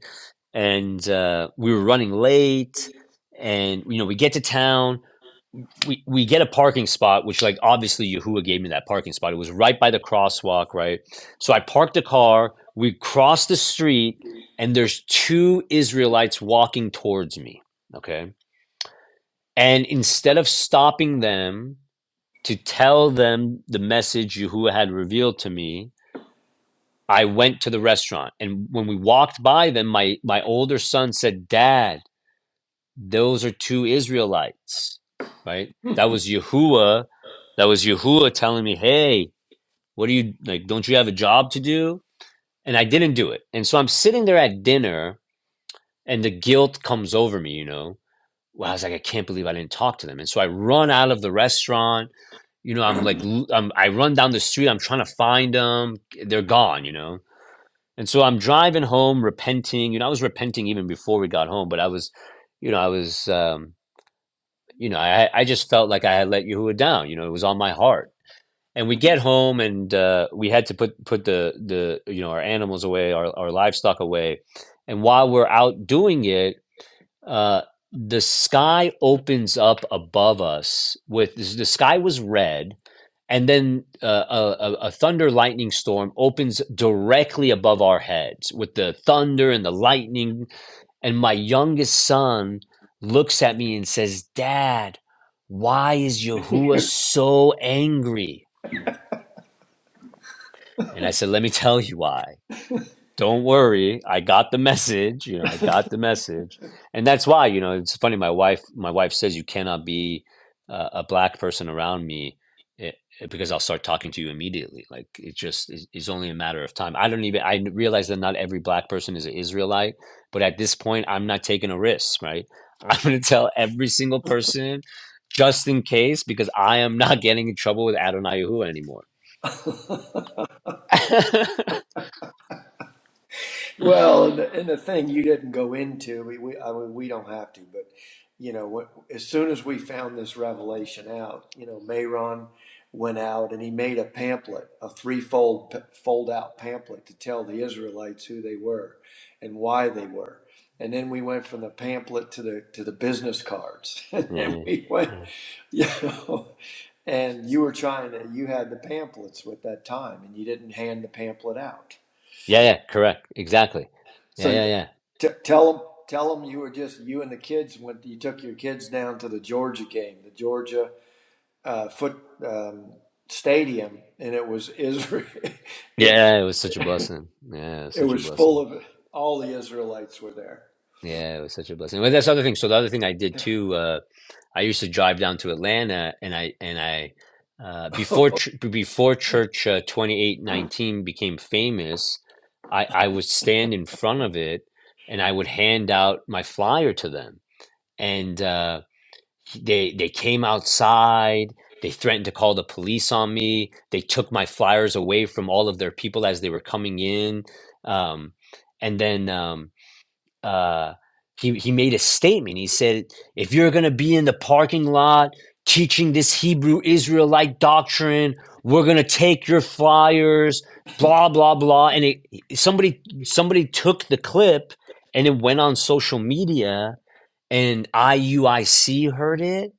S1: and uh, we were running late and you know we get to town we, we get a parking spot which like obviously yahuwah gave me that parking spot it was right by the crosswalk right so i parked the car we crossed the street and there's two israelites walking towards me okay and instead of stopping them to tell them the message Yahuwah had revealed to me, I went to the restaurant. And when we walked by them, my, my older son said, Dad, those are two Israelites, right? That was Yahuwah. That was Yahuwah telling me, Hey, what do you like? Don't you have a job to do? And I didn't do it. And so I'm sitting there at dinner and the guilt comes over me, you know? Well, I was like, I can't believe I didn't talk to them. And so I run out of the restaurant. You know, I'm like, l- um, I run down the street. I'm trying to find them. They're gone, you know? And so I'm driving home, repenting. You know, I was repenting even before we got home, but I was, you know, I was, um, you know, I, I just felt like I had let Yahuwah down. You know, it was on my heart. And we get home and uh, we had to put, put the, the, you know, our animals away, our, our livestock away. And while we're out doing it, uh, the sky opens up above us with the sky was red and then uh, a, a, a thunder lightning storm opens directly above our heads with the thunder and the lightning and my youngest son looks at me and says dad why is yahuwah so angry and i said let me tell you why don't worry i got the message you know i got the message and that's why you know it's funny my wife my wife says you cannot be uh, a black person around me eh, eh, because i'll start talking to you immediately like it just is is only a matter of time i don't even i n- realize that not every black person is an israelite but at this point i'm not taking a risk right i'm going to tell every single person just in case because i am not getting in trouble with adonai Yahuwah anymore
S2: Well, and the, and the thing you didn't go into, we, we I mean, we don't have to, but you know, what, as soon as we found this revelation out, you know, Mayron went out and he made a pamphlet, a threefold p- fold out pamphlet to tell the Israelites who they were and why they were. And then we went from the pamphlet to the to the business cards, and then we went,
S1: yeah,
S2: you know, and you were trying to, you had the pamphlets at that time, and you didn't hand the pamphlet out
S1: Yeah, yeah, correct. Exactly. Yeah,
S2: so
S1: yeah, yeah.
S2: t- tell them tell them you were just you and the kids when you took your kids down to the Georgia game, the Georgia uh, foot um, stadium, and it was Israel. It
S1: Yeah, it was such a blessing. Yeah, it was
S2: it
S1: such a
S2: was full
S1: blessing.
S2: of all the Israelites were there.
S1: Yeah, it was such a blessing. Well, that's the other thing. So the other thing I did too, uh, I used to drive down to Atlanta and I and I uh, before ch- before church uh, 2819 became famous, I I would stand in front of it and I would hand out my flyer to them. And uh, they they came outside they threatened to call the police on me they took my flyers away from all of their people as they were coming in um, and then um, uh, he, he made a statement he said if you're going to be in the parking lot teaching this hebrew israelite doctrine we're going to take your flyers blah blah blah and it, somebody somebody took the clip and it went on social media and iuic heard it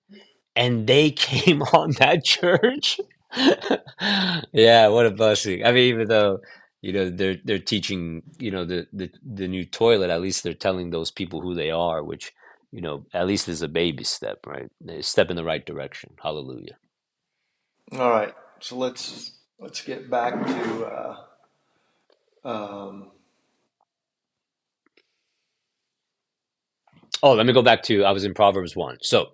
S1: and they came on that church. yeah, what a blessing. I mean, even though, you know, they're they're teaching, you know, the, the the new toilet, at least they're telling those people who they are, which, you know, at least is a baby step, right? A step in the right direction. Hallelujah.
S2: All right, so let's let's get back to. Uh, um,
S1: Oh, let me go back to I was in Proverbs 1. So,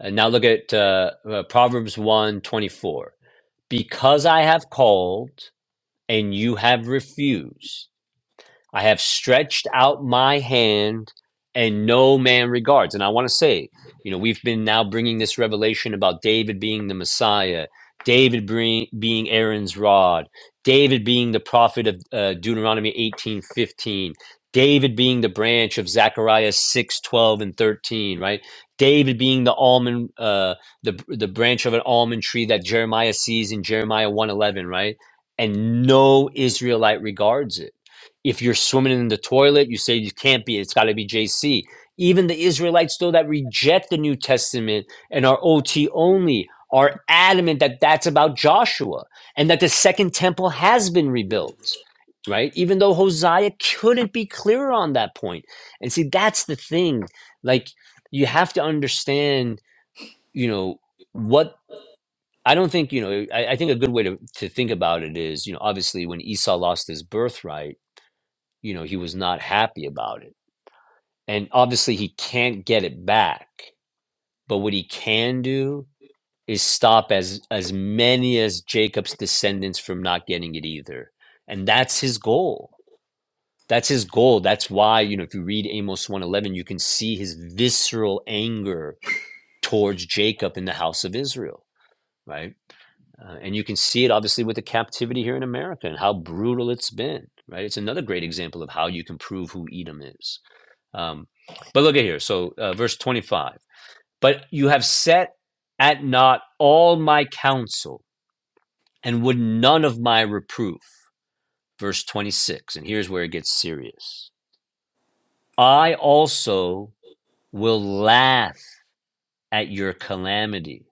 S1: uh, now look at uh, uh, Proverbs one 24. Because I have called and you have refused I have stretched out my hand and no man regards. And I want to say, you know, we've been now bringing this revelation about David being the Messiah, David bring, being Aaron's rod, David being the prophet of uh, Deuteronomy 18:15, David being the branch of Zechariah 6:12 and 13, right? David being the almond uh, the the branch of an almond tree that Jeremiah sees in Jeremiah one eleven, right? And no Israelite regards it if you're swimming in the toilet, you say you can't be, it's got to be JC. Even the Israelites, though, that reject the New Testament and are OT only, are adamant that that's about Joshua and that the second temple has been rebuilt, right? Even though Hosea couldn't be clearer on that point. And see, that's the thing. Like, you have to understand, you know, what I don't think, you know, I, I think a good way to, to think about it is, you know, obviously when Esau lost his birthright you know, he was not happy about it. And obviously he can't get it back. But what he can do is stop as as many as Jacob's descendants from not getting it either. And that's his goal. That's his goal. That's why, you know, if you read Amos 111, you can see his visceral anger towards Jacob in the house of Israel, right? Uh, and you can see it obviously with the captivity here in America and how brutal it's been, right? It's another great example of how you can prove who Edom is. Um, but look at here. So, uh, verse 25. But you have set at naught all my counsel and would none of my reproof. Verse 26. And here's where it gets serious. I also will laugh at your calamity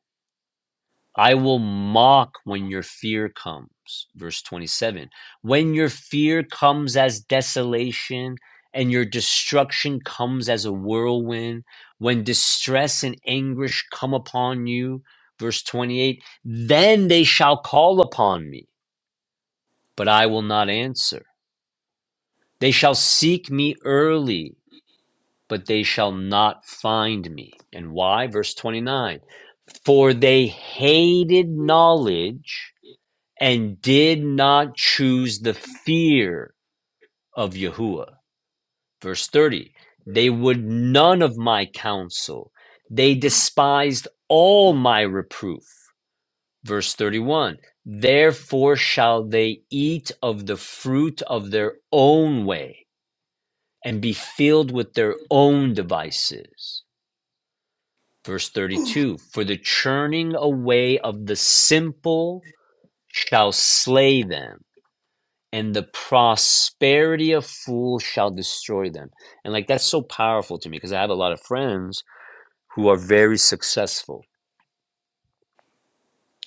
S1: I will mock when your fear comes. Verse 27. When your fear comes as desolation and your destruction comes as a whirlwind, when distress and anguish come upon you, verse 28, then they shall call upon me, but I will not answer. They shall seek me early, but they shall not find me. And why? Verse 29. For they hated knowledge and did not choose the fear of Yahuwah. Verse 30 They would none of my counsel, they despised all my reproof. Verse 31 Therefore shall they eat of the fruit of their own way and be filled with their own devices. Verse 32 For the churning away of the simple shall slay them and the prosperity of fools shall destroy them. And like that's so powerful to me because I have a lot of friends who are very successful.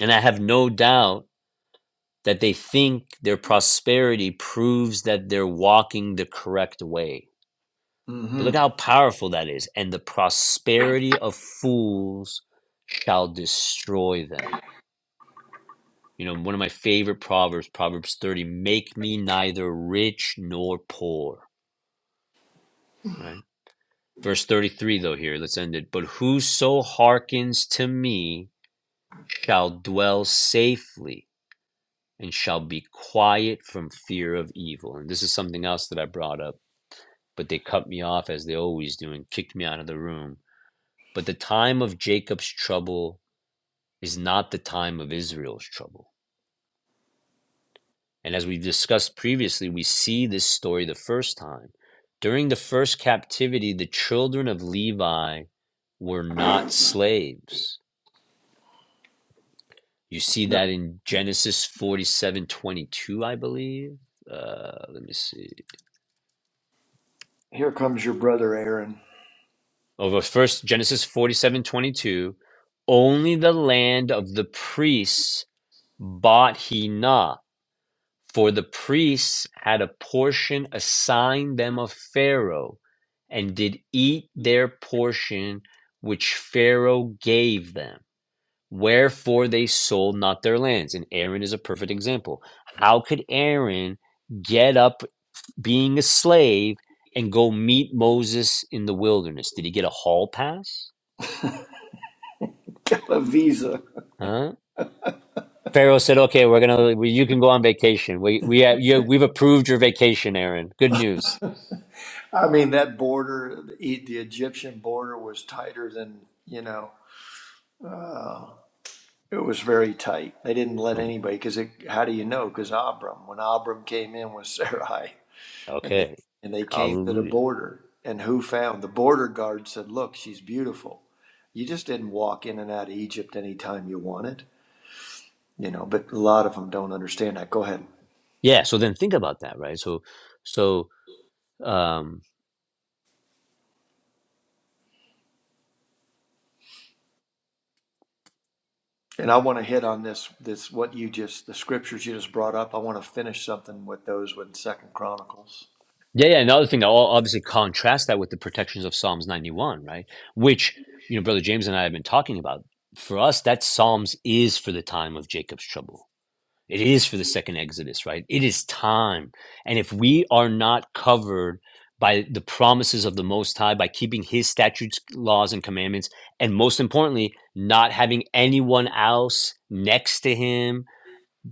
S1: And I have no doubt that they think their prosperity proves that they're walking the correct way. But
S2: hmm
S1: look how powerful that is. And the prosperity of fools shall destroy them. You know, one of my favorite proverbs, Proverbs 30, make me neither rich nor poor, right? Verse 33, though, here, let's end it. But whoso hearkens to me shall dwell safely and shall be quiet from fear of evil. And this is something else that I brought up, but they cut me off as they always do and kicked me out of the room. But the time of Jacob's trouble is not the time of Israel's trouble. And as we've discussed previously, we see this story the first time. During the first captivity, the children of Levi were not slaves You see
S2: No,
S1: that in Genesis 47 22, I believe. Uh, let me see.
S2: here comes your brother Aaron.
S1: Over first, Genesis 47 22, Only the land of the priests bought he not, for the priests had a portion assigned them of Pharaoh, and did eat their portion which Pharaoh gave them. Wherefore they sold not their lands. And Aaron is a perfect example. How could Aaron? get up being a slave and go meet Moses in the wilderness? Did he get a hall pass?
S2: A visa.
S1: Huh? Pharaoh said, "Okay, we're gonna. We, you can go on vacation. We we have, you, we've approved your vacation, Aaron. Good news.
S2: I mean, that border, the, E- the Egyptian border, was tighter than you know It was very tight. They didn't let anybody because how do you know? Because Abram, when Abram came in with Sarai, and they
S1: Okay,
S2: and they came to the
S1: hallelujah.
S2: border, and who found the border guard said, "Look, she's beautiful. You just didn't walk in and out of Egypt anytime you wanted, you know." But a lot of them don't understand that. Go ahead,
S1: Yeah. So then think about that, right? So, so um,
S2: and I want to hit on this this what you just the scriptures you just brought up. I want to finish something with those with Second Chronicles.
S1: yeah, yeah. Another thing, I'll obviously contrast that with the protections of Psalms ninety one, right? Which you know, brother James and I have been talking about. For us, that Psalms is for the time of Jacob's trouble It is for the second Exodus, right? It is time. And if we are not covered by the promises of the Most High, by keeping His statutes, laws, and commandments, and most importantly, not having anyone else next to Him,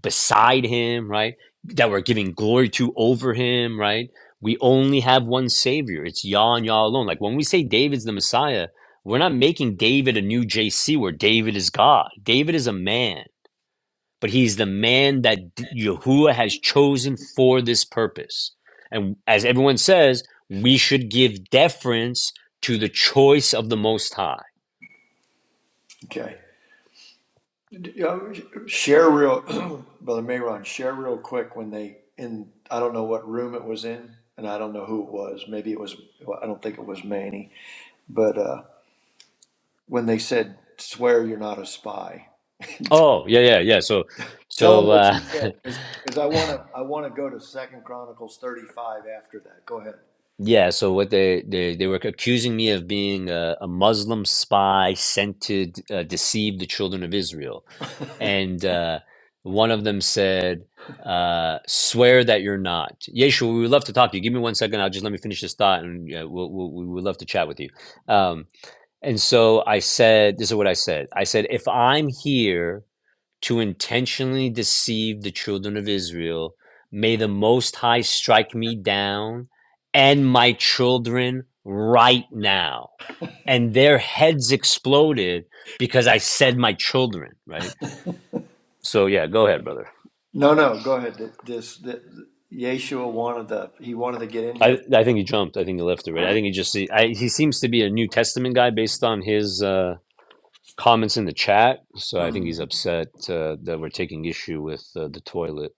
S1: beside Him, right? That we're giving glory to over Him, right? We only have one Savior. It's Yah and Yah alone. Like when we say David's the Messiah, we're not making David a new JC where David is God. David is a man but he's the man that D- Yahuwah has chosen for this purpose. And as everyone says, we should give deference to the choice of the Most High.
S2: Okay. D- uh, Share real, Brother Mayron, share real quick when they in. I don't know what room it was in, and I don't know who it was. Maybe it was. well, I don't think it was Manny, but uh, when they said, "Swear you're not a spy,"
S1: Oh, yeah, yeah, yeah. So,
S2: tell
S1: so
S2: them what
S1: uh,
S2: you said, because I want to. I want to go to Second Chronicles 35 after that. Go ahead.
S1: Yeah, so what they they they were accusing me of being a, a Muslim spy sent to d- uh, deceive the children of Israel, and uh, one of them said, uh, "Swear that you're not." Yeshua, we would love to talk to you. Give me one second. I'll just let me finish this thought, and uh, we'll, we'll, we would love to chat with you. Um, and so I said, "This is what I said." I said, "If I'm here." to intentionally deceive the children of Israel. May the Most High strike me down and my children right now. And their heads exploded because I said my children, right? So, yeah, go ahead, brother.
S2: No, no, go ahead. Th- This, th Yeshua wanted the. He wanted to get in
S1: I,
S2: here.
S1: I think he jumped. I think he left already. I think he just he, I, he seems to be a New Testament guy based on his uh, comments in the chat. So I think
S2: Mm.
S1: he's upset uh, that we're taking issue with uh, the toilet.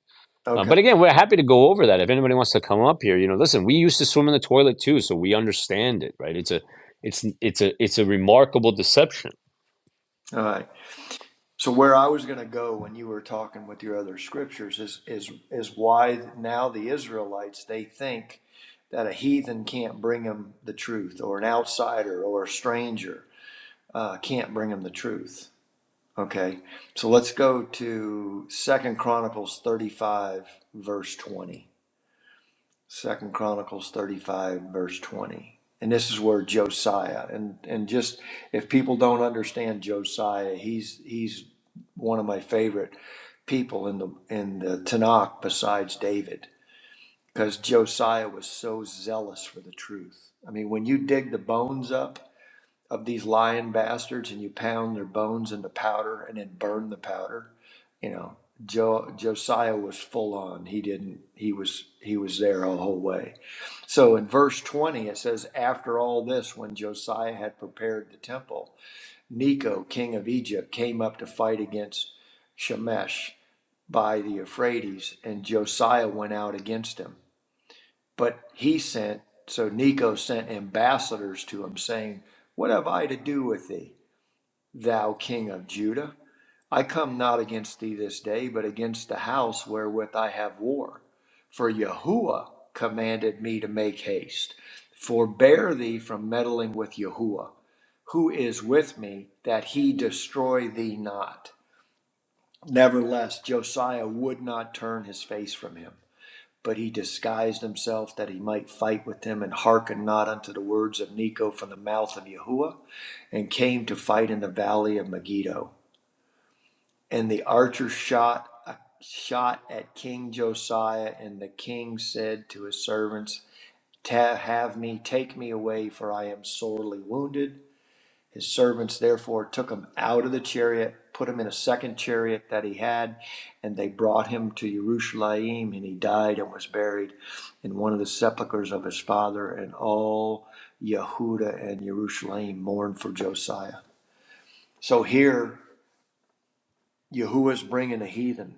S1: Uh,
S2: Okay.
S1: but again, we're happy to go over that. If anybody wants to come up here, you know, listen, we used to swim in the toilet too, so we understand it, right? It's a, it's it's a it's a remarkable deception.
S2: All right. So where I was going to go when you were talking with your other scriptures is is is why now the Israelites they think that a heathen can't bring them the truth, or an outsider, or a stranger uh, can't bring them the truth. Okay, so let's go to Second Chronicles thirty-five verse twenty. Second Chronicles thirty-five verse twenty, and this is where Josiah and and just if people don't understand Josiah, he's he's one of my favorite people in the in the Tanakh besides David because Josiah was so zealous for the truth. I mean, when you dig the bones up of these lying bastards and you pound their bones into powder and then burn the powder, you know, jo- Josiah was full on. He didn't. He was he was there the whole way. So in verse twenty it says, after all this, when Josiah had prepared the temple, Neco, king of Egypt, came up to fight against Shemesh by the Euphrates, and Josiah went out against him. But he sent, so Necho sent ambassadors to him, saying, What have I to do with thee, thou king of Judah? I come not against thee this day, but against the house wherewith I have war. For Yahuwah commanded me to make haste. Forbear thee from meddling with Yahuwah, who is with me, that he destroy thee not. Nevertheless, Josiah would not turn his face from him. But he disguised himself that he might fight with them, and hearkened not unto the words of Neco from the mouth of Yahuwah, and came to fight in the valley of Megiddo. And the archer shot a shot at King Josiah, and the king said to his servants, "Ta- Have me, take me away, for I am sorely wounded. His servants therefore took him out of the chariot, put him in a second chariot that he had, and they brought him to Jerusalem. And he died and was buried in one of the sepulchres of his father. And all Yehuda and Jerusalem mourned for Josiah. So here, Yahuwah's bringing a heathen,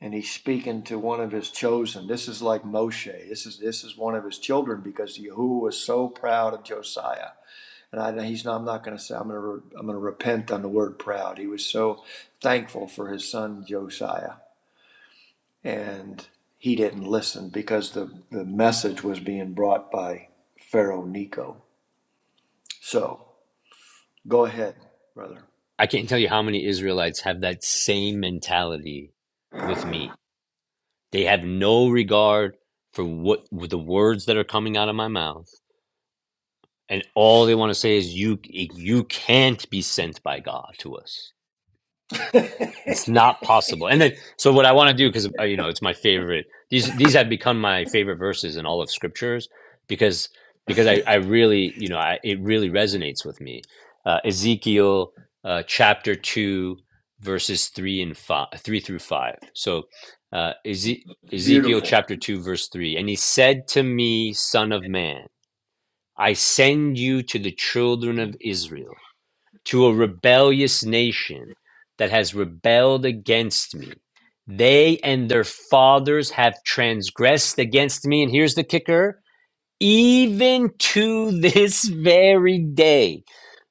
S2: and he's speaking to one of his chosen. This is like Moshe. This is this is one of his children because Yahuwah was so proud of Josiah and I, he's not, I'm not going to say I'm going to re, I'm going to repent on the word proud. He was so thankful for his son Josiah, and he didn't listen because the the message was being brought by Pharaoh Nico. So go ahead, brother.
S1: I can't tell you how many Israelites have that same mentality with me. They have no regard for what the words that are coming out of my mouth, and all they want to say is, "You you can't be sent by God to us." It's not possible. And then, so what I want to do, because you know, it's my favorite. These these have become my favorite verses in all of scriptures, because because I I really you know I, it really resonates with me. Uh, Ezekiel uh, chapter two, verses three and five, three through five. So uh, Eze- Ezekiel
S2: Beautiful.
S1: chapter two, verse three, and he said to me, Son of man, I send you to the children of Israel to a rebellious nation that has rebelled against me. They and their fathers have transgressed against me. And here's the kicker even to this very day.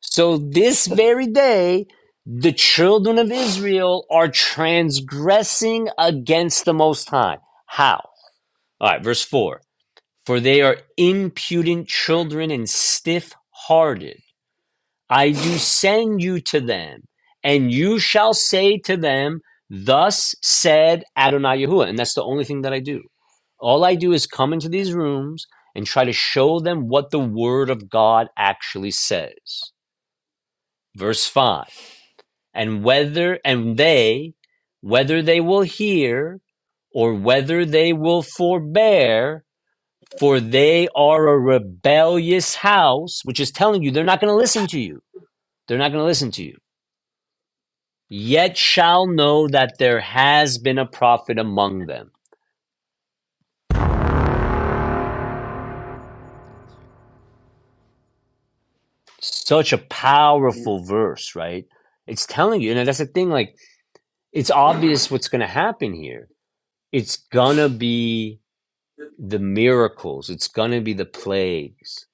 S1: So, this very day, the children of Israel are transgressing against the Most High. How? All right, verse 4 For they are impudent children and stiff hearted. I do send you to them, and you shall say to them, Thus said Adonai Yahuwah. And that's the only thing that I do. All I do is come into these rooms and try to show them what the word of God actually says. Verse 5 And whether, and they, whether they will hear or whether they will forbear, for they are a rebellious house, which is telling you they're not going to listen to you. They're not going to listen to you. yet shall know that there has been a prophet among them. Such a
S2: You,
S1: powerful verse, right? It's telling you, and that's the thing, like, it's obvious what's going to happen here. It's going to be the miracles, it's going to be the plagues.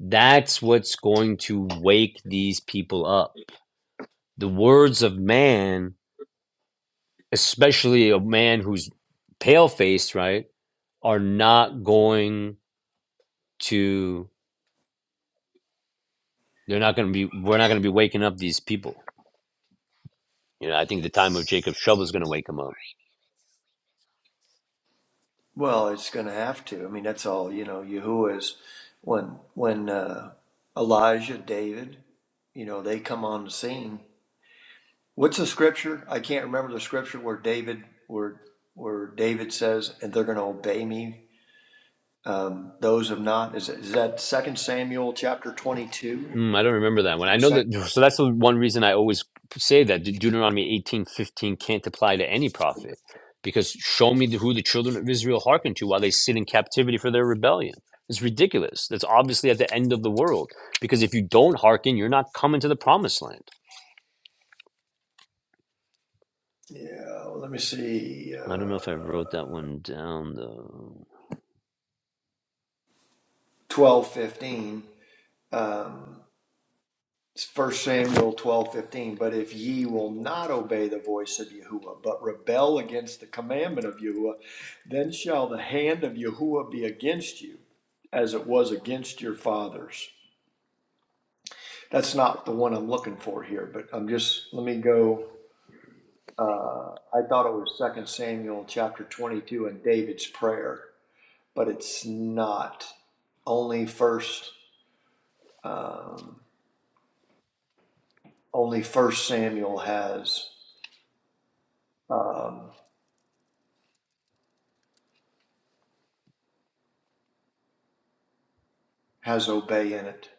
S1: That's what's going to wake these people up. The words of man, especially a man who's pale faced, right, are not going to. They're not going to be. We're not going to be waking up these people. You know, I think the time of Jacob's trouble is going to wake them up.
S2: well, it's going to have to. I mean, that's all you know. Yahuwah is when when uh, Elijah, David, you know, they come on the scene. What's the scripture? I can't remember the scripture where David where where David says, "And they're going to obey me." Um, those of not is, is that Second Samuel chapter twenty two?
S1: Mm, I don't remember that one. I know
S2: Second,
S1: that. So that's the one reason I always say that De- Deuteronomy eighteen fifteen can't apply to any prophet, because show me the, who the children of Israel hearken to while they sit in captivity for their rebellion. It's ridiculous. That's obviously at the end of the world. Because if you don't hearken, you're not coming to the promised land.
S2: yeah. Let me see.
S1: I don't know
S2: Uh,
S1: if I wrote that one down though.
S2: twelve fifteen. Um, First Samuel twelve fifteen. But if ye will not obey the voice of Yahuwah, but rebel against the commandment of Yahuwah, then shall the hand of Yahuwah be against you, as it was against your fathers That's not the one I'm looking for here, but I'm just, let me go, uh, I thought it was Second Samuel, chapter twenty-two, and David's prayer, but it's not. Only First, um, only First Samuel has, um, has obey in it.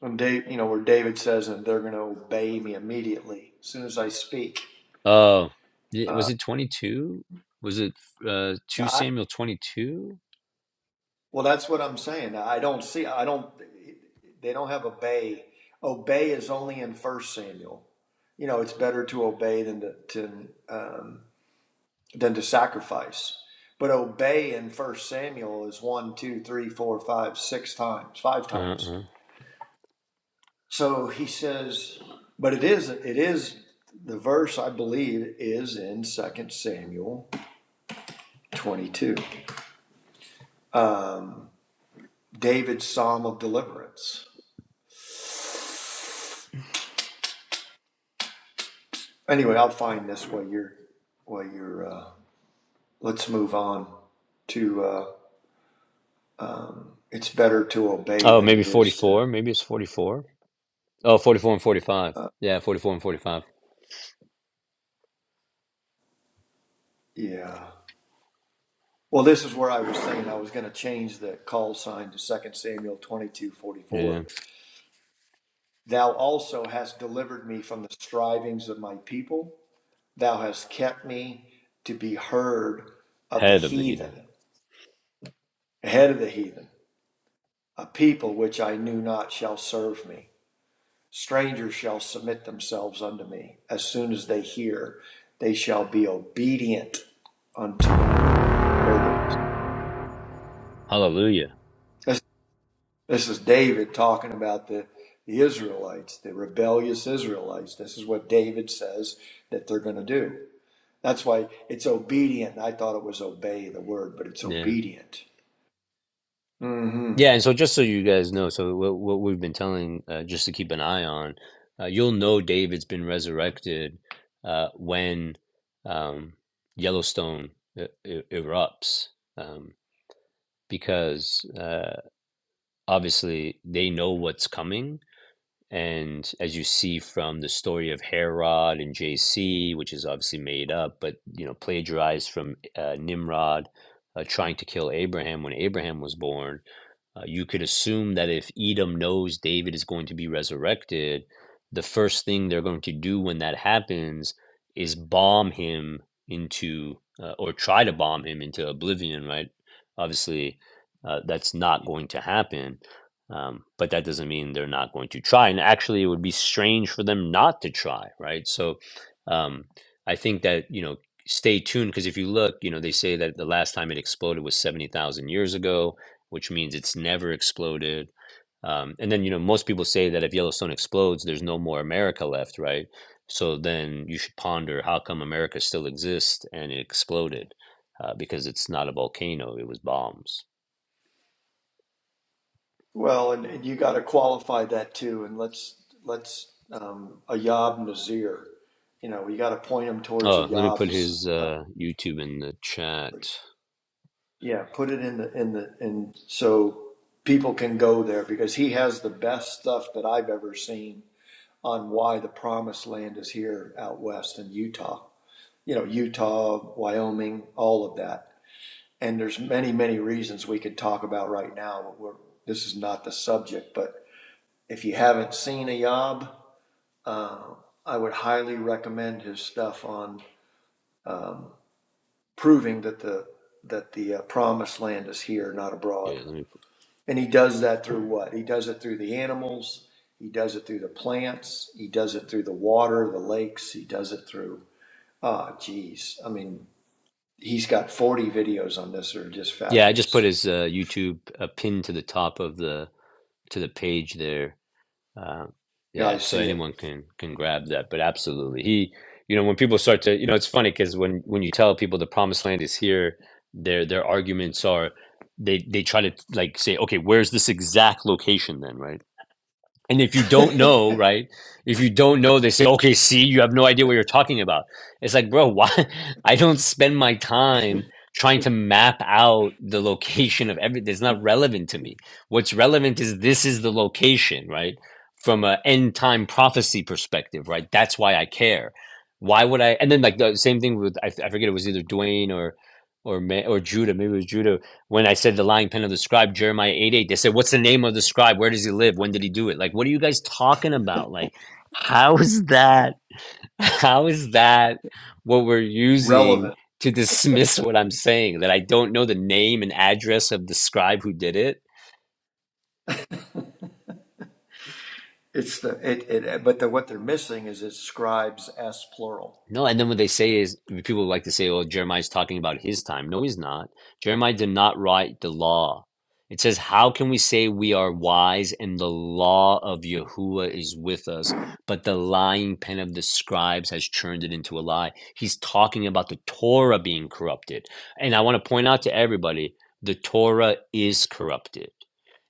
S2: And Dave, you know, where David says, and they're gonna obey me immediately, as soon as I speak.
S1: Oh, yeah, was
S2: Uh,
S1: it 22? Was it uh 2
S2: I
S1: Samuel 22?
S2: Well, that's what I'm saying. I don't see. I don't. They don't have obey. Obey is only in First Samuel. You know, it's better to obey than to, to um, than to sacrifice. But obey in First Samuel is one, two, three, four, five, six times, five times.
S1: Uh-uh.
S2: So he says, but it is it is the verse I believe is in Second Samuel 22, um, David's Psalm of Deliverance. Anyway, I'll find this while you're, while you're, uh, let's move on to, uh, um, it's better to obey
S1: Oh,
S2: than
S1: maybe
S2: it is to,
S1: 44. Maybe it's 44. Oh, 44 and 45. Yeah, 44 and 45.
S2: yeah. Well, this is where I was saying I was going to change the call sign to Second Samuel 22 44.
S1: Yeah.
S2: Thou also hast delivered me from the strivings of my people. Thou hast kept me to be heard of the
S1: Head of the heathen.
S2: heathen, ahead of the heathen. A people which I knew not shall serve me. Strangers shall submit themselves unto me. As soon as they hear, they shall be obedient unto me. There it is.
S1: Hallelujah.
S2: This, this is David talking about the, the Israelites, the rebellious Israelites. This is what David says that they're going to do. That's why it's obedient. I thought it was obey the word, but it's
S1: Yeah.
S2: obedient. Mm-hmm.
S1: Yeah, and so just so you guys know, so what, what we've been telling uh, just to keep an eye on, uh, you'll know David's been resurrected uh, when um, Yellowstone uh, e- erupts. Um, because uh, obviously they know what's coming. And as you see from the story of Herod and JC, which is obviously made up, but you know plagiarized from uh, Nimrod uh, trying to kill Abraham when Abraham was born, uh, you could assume that if Edom knows David is going to be resurrected, the first thing they're going to do when that happens is bomb him into, uh, or try to bomb him into oblivion, right? Obviously, uh, that's not going to happen. Um, but that doesn't mean they're not going to try. And actually, it would be strange for them not to try, right? So um, I think that, you know, stay tuned because if you look, you know, they say that the last time it exploded was 70,000 years ago which means it's never exploded. Um, and then, you know, most people say that if Yellowstone explodes, there's no more America left, right? So then you should ponder how come America still exists and it exploded uh, because it's not a volcano, it was bombs.
S2: Well, and, and you got to qualify that too. And let's let's um, Ayab Nazir. You know, you got to point them towards
S1: Oh, let me put
S2: Ayab's.
S1: his
S2: Uh,
S1: uh, YouTube in the chat.
S2: yeah, put it in the in the and so people can go there because he has the best stuff that I've ever seen on why the promised land is here out west in Utah. You know, Utah, Wyoming, all of that. And there's many many reasons we could talk about right now. But we're, this is not the subject, but if you haven't seen Ayab Uh, I would highly recommend his stuff on um, proving that the that the uh, promised land is here, not
S1: Yeah,
S2: abroad.
S1: let me. Put,
S2: And he does that through what? He does it through the animals. He does it through the plants. He does it through the water, the lakes. He does it through. Ah, oh, geez. I mean, he's got 40 videos on this that are just
S1: yeah, I just put
S2: fabulous.
S1: his uh, YouTube uh, pinned to the top of the to the page there. Uh,
S2: Yeah,
S1: yeah,
S2: I
S1: so
S2: see it.
S1: anyone can can grab that, but absolutely, he, you know, when people start to, you know, it's funny because when when you tell people the promised land is here, their their arguments are, they they try to like say, okay, where's this exact location then, right? And if you don't know, right? If you don't know, they say, okay, see, you have no idea what you're talking about. It's like, bro, why? I don't spend my time trying to map out the location of everything. It's not relevant to me. What's relevant is this is the location, right? From an end time prophecy perspective, right? That's why I care. Why would I? And then, like, the same thing with, I, I forget, it was either Dwayne or, or, Ma- or Judah, maybe it was Judah when I said the lying pen of the scribe, Jeremiah 8 8, they said, What's the name of the scribe? Where does he live? When did he do it? Like, what are you guys talking about? Like, how is that? How is that what we're using
S2: relevant.
S1: to dismiss what I'm saying? That I don't know the name and address of the scribe who did it?
S2: It's the it, it but the what they're missing is it's scribes s plural.
S1: No, and then what they say is people like to say, "Well, Jeremiah's talking about his time." No, he's not. Jeremiah did not write the law. It says, "How can we say we are wise and the law of Yahuwah is with us?" But the lying pen of the scribes has turned it into a lie. He's talking about the Torah being corrupted, and I want to point out to everybody: the Torah is corrupted.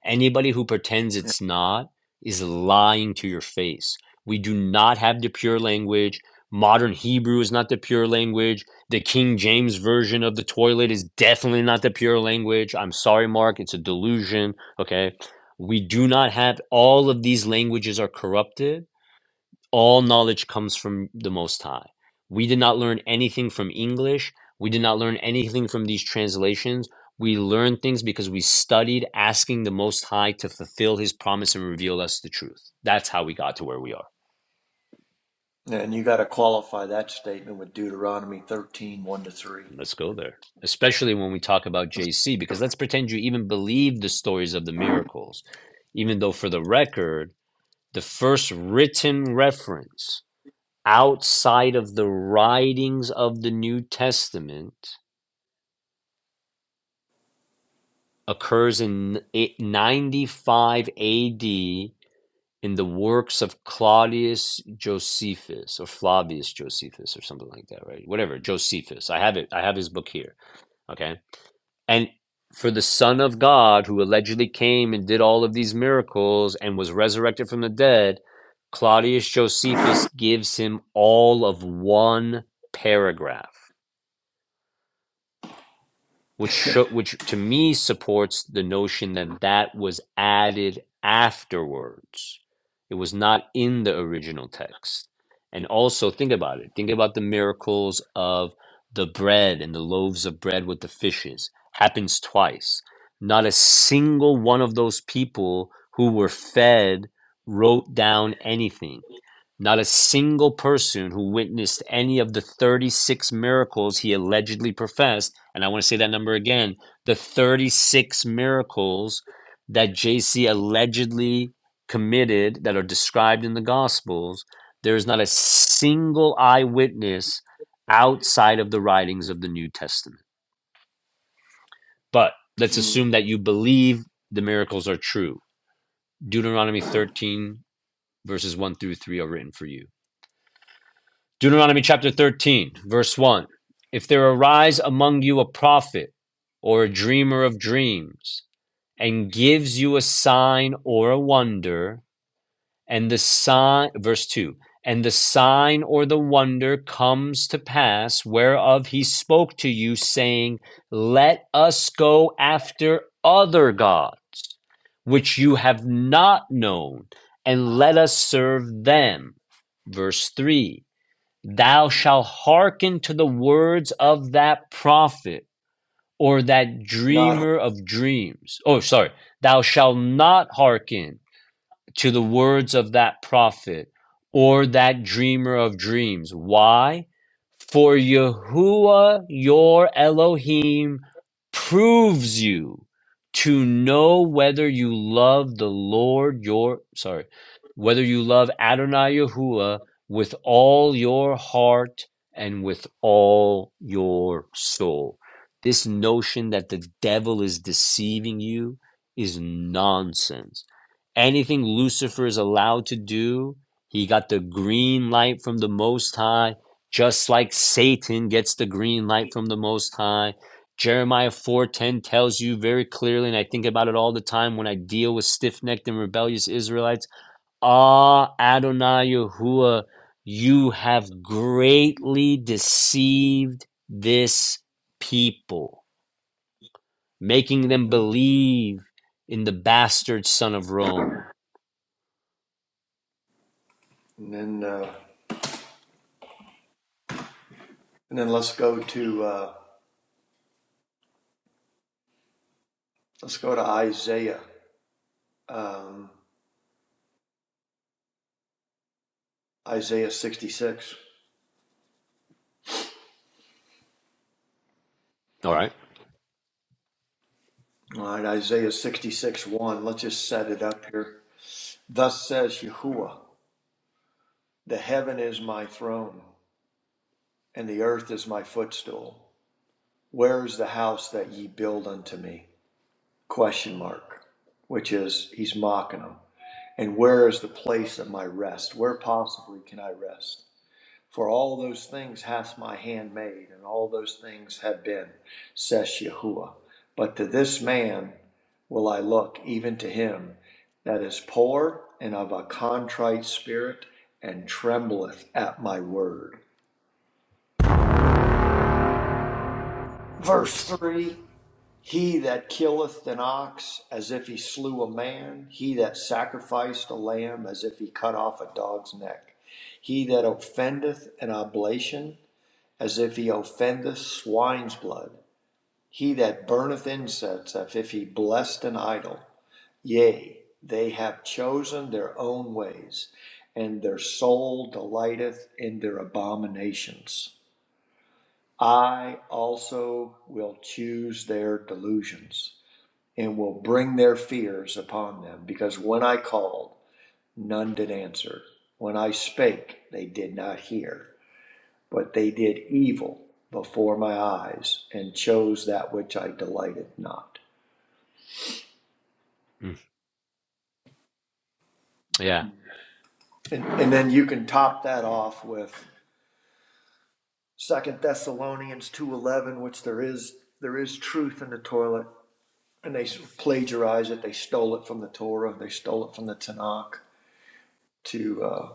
S1: Anybody who pretends it's not is lying to your face. We do not have the pure language. Modern Hebrew is not the pure language. The King James version of the toilet is definitely not the pure language. I'm sorry, Mark. It's a delusion. Okay. We do not have all of these languages are corrupted. All knowledge comes from the Most High. We did not learn anything from English. We did not learn anything from these translations. We learned things because we studied asking the Most High to fulfill His promise and reveal us the truth. That's how we got to where we are.
S2: And you got to qualify that statement with Deuteronomy thirteen one to 3.
S1: Let's go there. Especially when we talk about JC, because let's pretend you even believe the stories of the miracles, even though for the record, the first written reference outside of the writings of the New Testament occurs in 95 AD in the works of Claudius Josephus or Flavius Josephus or something like that, right? Whatever, Josephus. I have it. I have his book here. Okay And for the Son of God, who allegedly came and did all of these miracles and was resurrected from the dead, Claudius Josephus gives him all of one paragraph which sho which to me supports the notion that that was added afterwards. It was not in the original text. And also think about it. Think about the miracles of the bread and the loaves of bread with the fishes. Happens twice. Not a single one of those people who were fed wrote down anything not a single person who witnessed any of the 36 miracles he allegedly professed, and I want to say that number again the 36 miracles that JC allegedly committed that are described in the Gospels, there is not a single eyewitness outside of the writings of the New Testament. But let's
S2: Mm,
S1: assume that you believe the miracles are true. Deuteronomy 13, verses 1 through 3 are written for you. Deuteronomy chapter 13, verse 1. If there arise among you a prophet or a dreamer of dreams and gives you a sign or a wonder, and the sign, verse 2, and the sign or the wonder comes to pass whereof he spoke to you, saying, Let us go after other gods, which you have not known, and let us serve them. Verse 3 thou shalt hearken to the words of that prophet or that
S2: Not.
S1: dreamer of dreams. Oh, sorry, thou shalt not hearken to the words of that prophet or that dreamer of dreams. Why? For Yahuwah your Elohim proves you to know whether you love the Lord your, sorry, whether you love Adonai Yahuwah with all your heart and with all your soul. This notion that the devil is deceiving you is nonsense anything Lucifer is allowed to do, he got the green light from the Most High, just like Satan gets the green light from the Most High. Jeremiah 4:10 tells you very clearly, and I think about it all the time when I deal with stiff-necked and rebellious Israelites. Ah, Adonai Yahuwah, you have greatly deceived this people, making them
S2: hmm
S1: believe in the bastard son of Rome.
S2: And then, uh, and then let's go to uh, let's go to Isaiah, um, Isaiah 66.
S1: All right.
S2: All right, Isaiah 66, 1. Let's just set it up here. Thus says Yahuwah, the heaven is my throne, and the earth is my footstool. Where is the house that ye build unto me? Question mark. Which is, he's mocking them. And where is the place of my rest? Where possibly can I rest? For all those things hath my hand made, and all those things have been, says Yahuwah. But to this man will I look, even to him that is poor and of a contrite spirit, and trembleth at my word. Verse 3 He that killeth an ox as if he slew a man, he that sacrificed a lamb as if he cut off a dog's neck, he that offendeth an oblation as if he offendeth swine's blood, he that burneth incense as if he blessed an idol. Yea, they have chosen their own ways, and their soul delighteth in their abominations. I also will choose their delusions and will bring their fears upon them. Because when I called, none did answer. When I spake, they did not hear. But they did evil before my eyes and chose that which I delighted not.
S1: Yeah.
S2: And, and then you can top that off with Second Thessalonians two eleven, which there is there is truth in the toilet, and they plagiarize it. They stole it from the Torah. They stole it from the Tanakh to uh,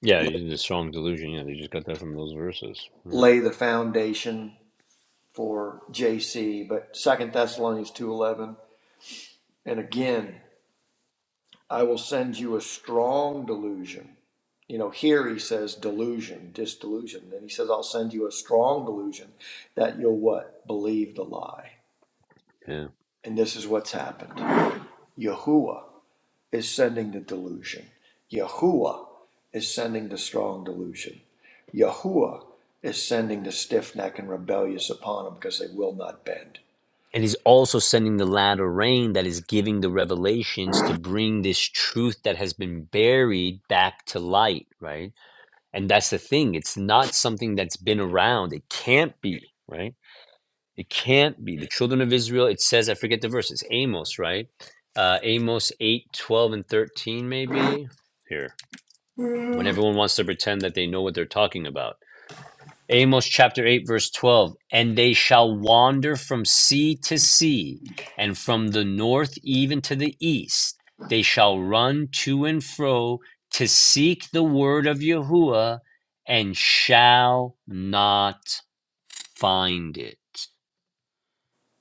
S1: Yeah, you- a strong delusion. Yeah, they just got that from those verses. Yeah.
S2: lay the foundation for JC, but Second Thessalonians two eleven. And again, I will send you a strong delusion. You know, here he says delusion, just delusion. Then he says, I'll send you a strong delusion that you'll what? Believe the lie.
S1: Yeah.
S2: And this is what's happened. Yahuwah is sending the delusion. Yahuwah is sending the strong delusion. Yahuwah is sending the stiff neck and rebellious upon them because they will not bend.
S1: And he's also sending the latter rain that is giving the revelations to bring this truth that has been buried back to light, right? And that's the thing. It's not something that's been around. It can't be, right? It can't be. The children of Israel, it says, I forget the verse, it's Amos, right? Uh, Amos 8, 12, and 13, maybe. Here. When
S2: Mm-hmm.
S1: everyone wants to pretend that they know what they're talking about. Amos chapter 8, verse 12, and they shall wander from sea to sea, and from the north even to the east. They shall run to and fro to seek the word of Yahuwah and shall not find it.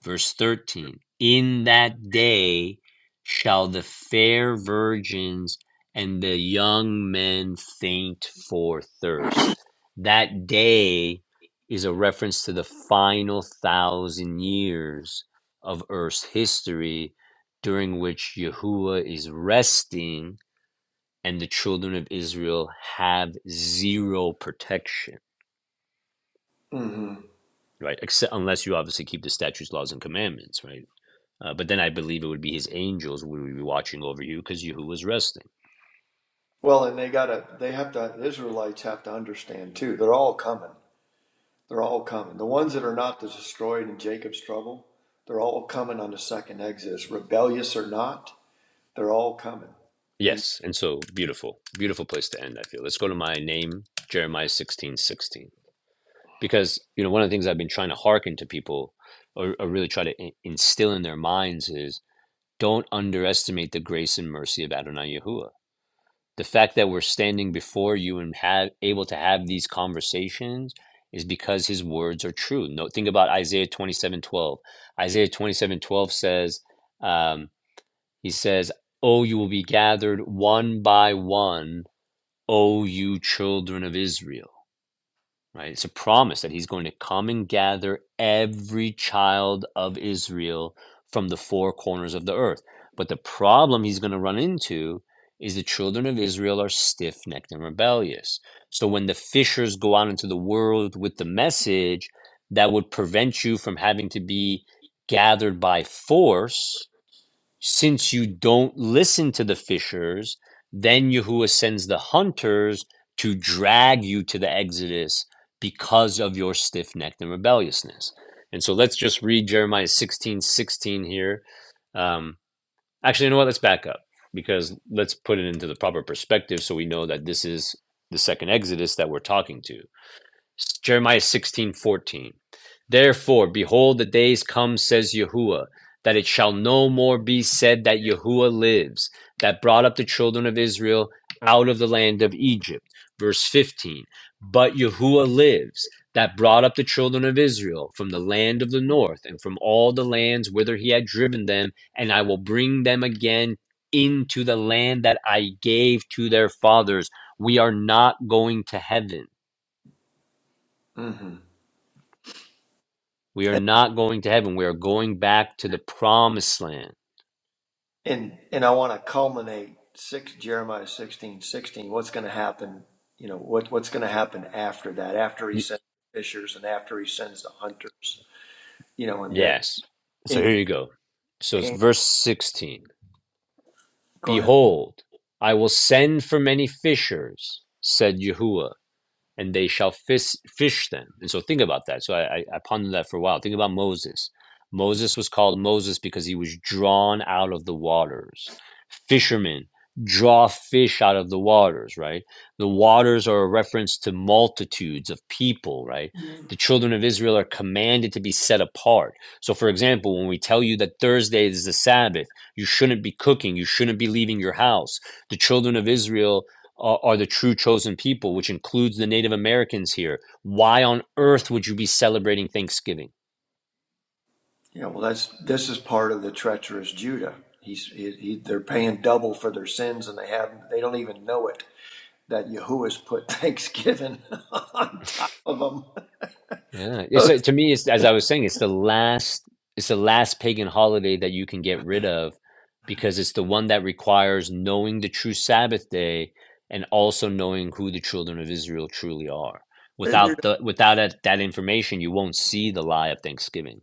S1: Verse 13 In that day shall the fair virgins and the young men faint for thirst. That day is a reference to the final thousand years of earth's history during which Yahuwah is resting and the children of Israel have zero protection, right? Except unless you obviously keep the statutes, laws, and commandments, right? Uh, but then I believe it would be his angels who would be watching over you because Yehu was resting.
S2: Well, and they gotta, they have to, Israelites have to understand too. They're all coming. They're all coming. The ones that are not destroyed in Jacob's trouble, they're all coming on the second exodus, rebellious or not. They're all coming. And
S1: Yes, and so beautiful, beautiful place to end, I feel. Let's go to my name, Jeremiah sixteen sixteen, Because, you know, one of the things I've been trying to hearken to people or, or really try to instill in their minds is don't underestimate the grace and mercy of Adonai Yahuwah the fact that we're standing before you and have able to have these conversations is because his words are true. No, think about Isaiah twenty seven twelve. Isaiah twenty seven twelve says, um, he says, "Oh, you will be gathered one by one, O you children of Israel." right? It's a promise that he's going to come and gather every child of Israel from the four corners of the earth. But the problem he's going to run into is the children of Israel are stiff necked and rebellious. So when the fishers go out into the world with the message, that would prevent you from having to be gathered by force since you don't listen to the fishers, then Yahuwah sends the hunters to drag you to the Exodus because of your stiff necked and rebelliousness. And so let's just read Jeremiah 16 16 here. Um, actually, you know what? Let's back up because let's put it into the proper perspective so we know that this is the second Exodus that we're talking to. Jeremiah sixteen fourteen. Therefore, behold, the days come, says Yahuwah, that it shall no more be said that Yahuwah lives, that brought up the children of Israel out of the land of Egypt. Verse 15. But Yahuwah lives, that brought up the children of Israel from the land of the north and from all the lands whither he had driven them, and I will bring them again into the land that I gave to their fathers. We are not going to heaven
S2: hmm
S1: We are
S2: and
S1: not going to heaven. We are going back to the promised land.
S2: and, and I want to culminate six Jeremiah sixteen sixteen. What's going to happen? You know what what's going to happen after that? After he
S1: Y-
S2: sends the fishers and after he sends the hunters. You know, and this
S1: yes. So
S2: and,
S1: here you go. So it's
S2: and
S1: verse 16.
S2: go ahead.
S1: Behold, I will send for many fishers, said Yahuwah and they shall fish, fish them. And so think about that. So I, I, I pondered that for a while. Think about Moses. Moses was called Moses because he was drawn out of the waters. Fishermen draw fish out of the waters, right? The waters are a reference to multitudes of people, right? The children of Israel are commanded to be set apart. So, for example, when we tell you that Thursday is the Sabbath, you shouldn't be cooking, you shouldn't be leaving your house. The children of Israel are, are the true chosen people, which includes the Native Americans here. Why on earth would you be celebrating Thanksgiving?
S2: Yeah, well, that's this is part of the treacherous Judah. He's he, he, they're paying double for their sins, and they have they don't even know it that Yahuwah's put Thanksgiving on top of them.
S1: Yeah, it's uh, to me, it's as I was saying, it's the last, it's the last pagan holiday that you can get rid of, because it's the one that requires knowing the true Sabbath day and also knowing who the children of Israel truly are. Without the without that, that information, you won't see the lie of Thanksgiving.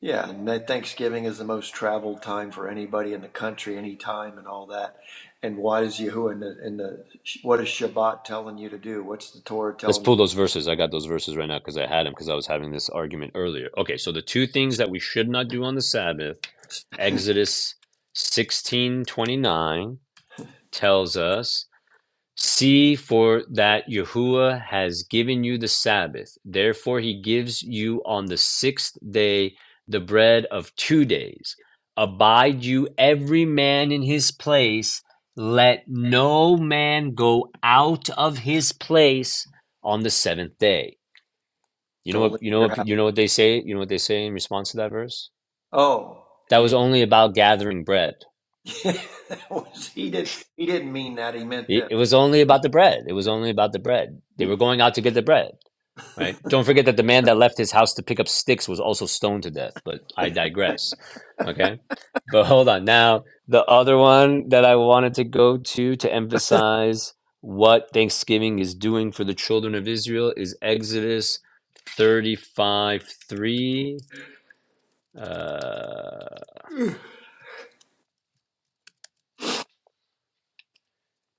S2: yeah, and that Thanksgiving is the most traveled time for anybody in the country, any time, and all that. And why is Yahuwah in the, in the what is Shabbat telling you to do? What's the Torah
S1: Let's
S2: telling you?
S1: pull those verses. I got those verses right now because I had them because I was having this argument earlier. Okay, so the two things that we should not do on the Sabbath, Exodus sixteen twenty nine tells us See, for that Yahuwah has given you the Sabbath. Therefore, he gives you on the sixth day the bread of two days. Abide you every man in his place. Let no man go out of his place on the seventh day. You know
S2: Don't
S1: what
S2: leave
S1: you know
S2: your
S1: what
S2: house.
S1: you know what they say? You know what they say in response to that verse?
S2: Oh,
S1: That
S2: he
S1: was
S2: did.
S1: only about gathering bread.
S2: not he did. He didn't mean that. He meant
S1: It,
S2: this.
S1: it was only about the bread. It was only about the bread. They were going out to get the bread. right? Don't forget that the man that left his house to pick up sticks was also stoned to death, but I digress. Okay. But hold on. Now, the other one that I wanted to go to to emphasize what Thanksgiving is doing for the children of Israel is Exodus 35 3. Uh,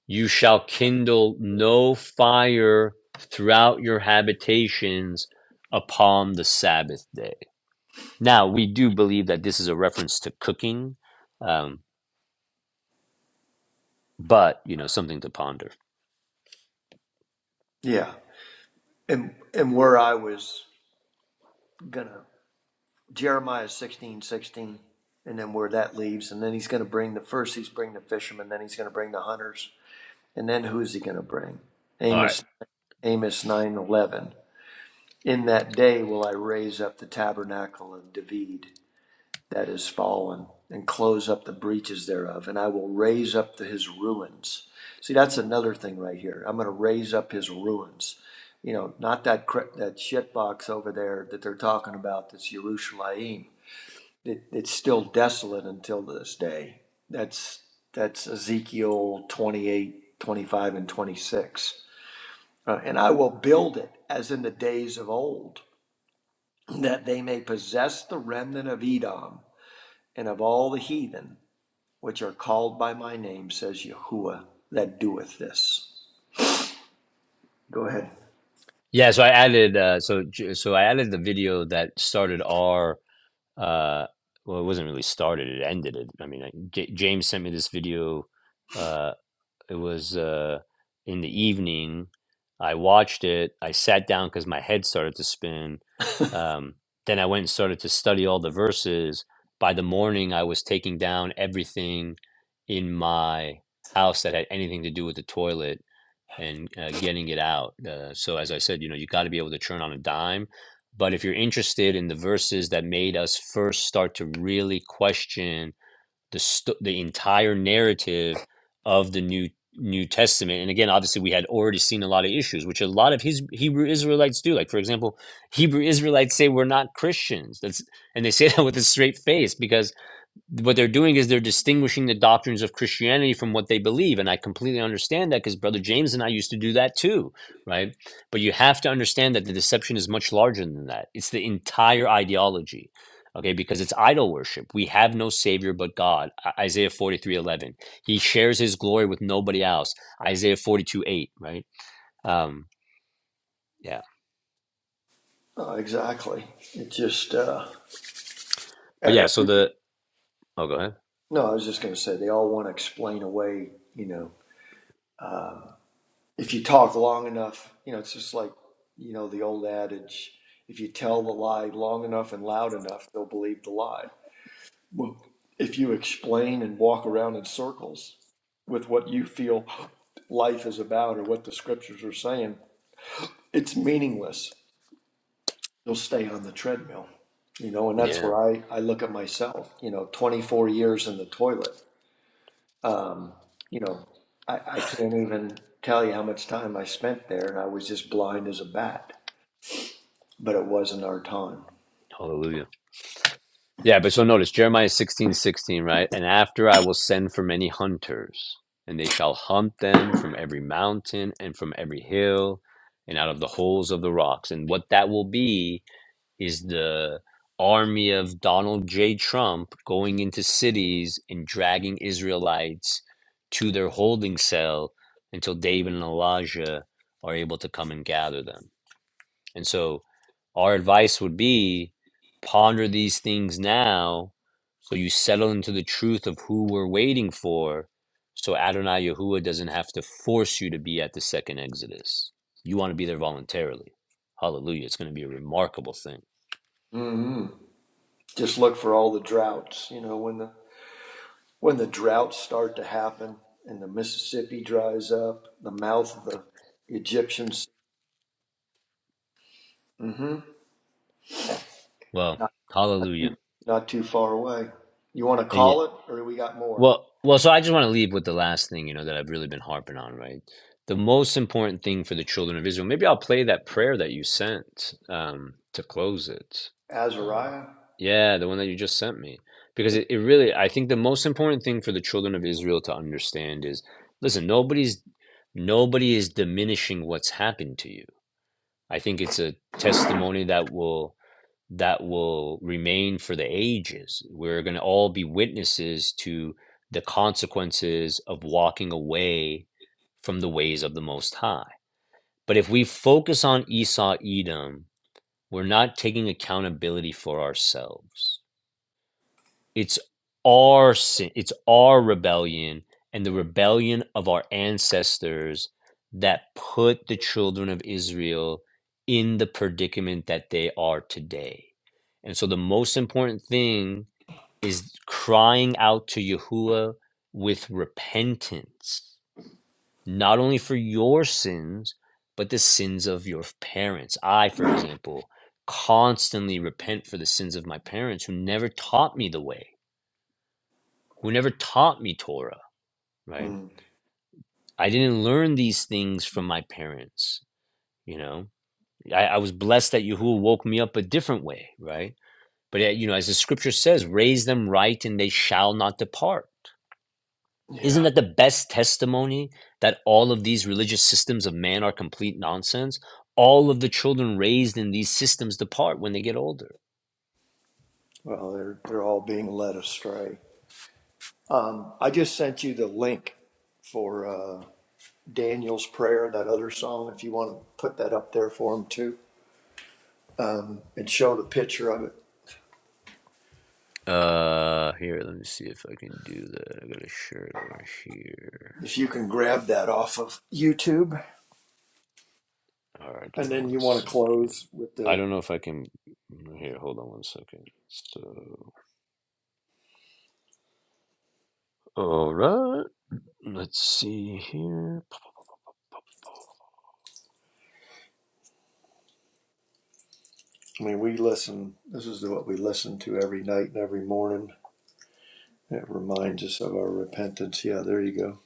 S1: you shall kindle no fire throughout your habitations upon the Sabbath day Now, we do believe that this is a reference to cooking, um, but you know, something to ponder.
S2: Yeah. And and where I was gonna Jeremiah sixteen sixteen, and then where that leaves, and then he's gonna bring the first he's bring the fishermen, then he's gonna bring the hunters, and then who's he gonna bring?
S1: All right.
S2: Amos Amos nine eleven. In that day will I raise up the tabernacle of David, that is fallen and close up the breaches thereof, and I will raise up the, his ruins. See, that's another thing right here. I'm going to raise up his ruins. You know, not that that shit box over there that they're talking about. That's Yerushalayim. It, it's still desolate until this day. That's that's Ezekiel 28, 25, and 26. Uh, and I will build it as in the days of old, that they may possess the remnant of Edom and of all the heathen which are called by my name, says Yahuwah, that doeth this. Go ahead.
S1: Yeah, so I added uh, so j- so I added the video that started our uh, well, it wasn't really started; it ended it. I mean, I, J- James sent me this video. uh, It was uh, in the evening. I watched it. I sat down because my head started to spin. Um, then I went and started to study all the verses. By the morning, I was taking down everything in my house that had anything to do with the toilet and uh, getting it out. Uh, so, as I said, you know, you got to be able to turn on a dime. But if you're interested in the verses that made us first start to really question the sto- the entire narrative of the new New Testament. And again, obviously, we had already seen a lot of issues, which a lot of his Hebrew Israelites do. Like, for example, Hebrew Israelites say we're not Christians. That's and they say that with a straight face because what they're doing is they're distinguishing the doctrines of Christianity from what they believe. And I completely understand that because Brother James and I used to do that too, right? But you have to understand that the deception is much larger than that. It's the entire ideology, okay? Because it's idol worship. We have no Savior but God. I- Isaiah 43 11. He shares his glory with nobody else. Isaiah 42 8, right? Um, yeah.
S2: Oh, exactly. It just, uh, e-
S1: But yeah,
S2: e-
S1: so the. Oh, go ahead.
S2: no, I was just going to say, they all want to explain away, you know, if you talk long enough, you know, it's just like, you know, the old adage if you tell the lie long enough and loud enough, they'll believe the lie. Well, if you explain and walk around in circles with what you feel life is about or what the scriptures are saying, it's meaningless. you'll stay on the treadmill you know and that's
S1: Yeah.
S2: where i i look at myself you know 24 years in the toilet um you know i i can't even tell you how much time i spent there and i was just blind as a bat but it wasn't our time
S1: Hallelujah. Yeah, but so notice Jeremiah sixteen sixteen, right? And after I will send for many hunters, and they shall hunt them from every mountain and from every hill and out of the holes of the rocks. And what that will be is the army of Donald J. Trump going into cities and dragging Israelites to their holding cell until David and Elijah are able to come and gather them. And so our advice would be ponder these things now so you settle into the truth of who we're waiting for so Adonai Yahuwah doesn't have to force you to be at the second Exodus. You want to be there voluntarily. Hallelujah. It's going to be a remarkable thing.
S2: hmm just look for all the droughts you know when the when the droughts start to happen and the mississippi dries up the mouth of the egyptian sea hmm
S1: Well,
S2: not, not,
S1: hallelujah.
S2: too, not too far away you want to
S1: and yeah,
S2: call it or we got more
S1: Well, well, so I just want to leave with the last thing, you know, that I've really been harping on, right? The most important thing for the children of Israel. Maybe I'll play that prayer that you sent um, to close it. Uh,
S2: Azariah.
S1: yeah, the one that you just sent me. Because it, it really, I think the most important thing for the children of Israel to understand is, listen, nobody's nobody is diminishing what's happened to you. I think it's a testimony that will that will remain for the ages. We're going to all be witnesses to the consequences of walking away from the ways of the Most High. But if we focus on Esau, Edom, we're not taking accountability for ourselves. It's our sin, it's our rebellion and the rebellion of our ancestors that put the children of Israel in the predicament that they are today. And so the most important thing is crying out to Yahuwah with repentance, not only for your sins, but the sins of your parents. I, for example, constantly repent for the sins of my parents who never taught me the way who never taught me Torah, right?
S2: Mm,
S1: I didn't learn these things from my parents, you know. I, I was blessed that Yahuwah woke me up a different way, right? But, uh, you know, as the scripture says, raise them right and they shall not depart.
S2: yeah.
S1: Isn't that the best testimony that all of these religious systems of man are complete nonsense? All of the children raised in these systems depart when they get older.
S2: Well, they're they're all being led astray. Um, I just sent you the link for uh, Daniel's prayer, that other song. If you want to put that up there for him too, um, and show the picture of it.
S1: Uh, here, let me see if I can do that. I got a shirt over here.
S2: If you can grab that off of YouTube,
S1: All right, give
S2: and
S1: me
S2: then
S1: one
S2: you want to
S1: second.
S2: close with
S1: I
S2: the.
S1: don't know if I can. mm, Here, hold on one second. So, all right, let's see here.
S2: I mean, we listen. This is what we listen to every night and every morning. It reminds us of our repentance. Yeah, there you go.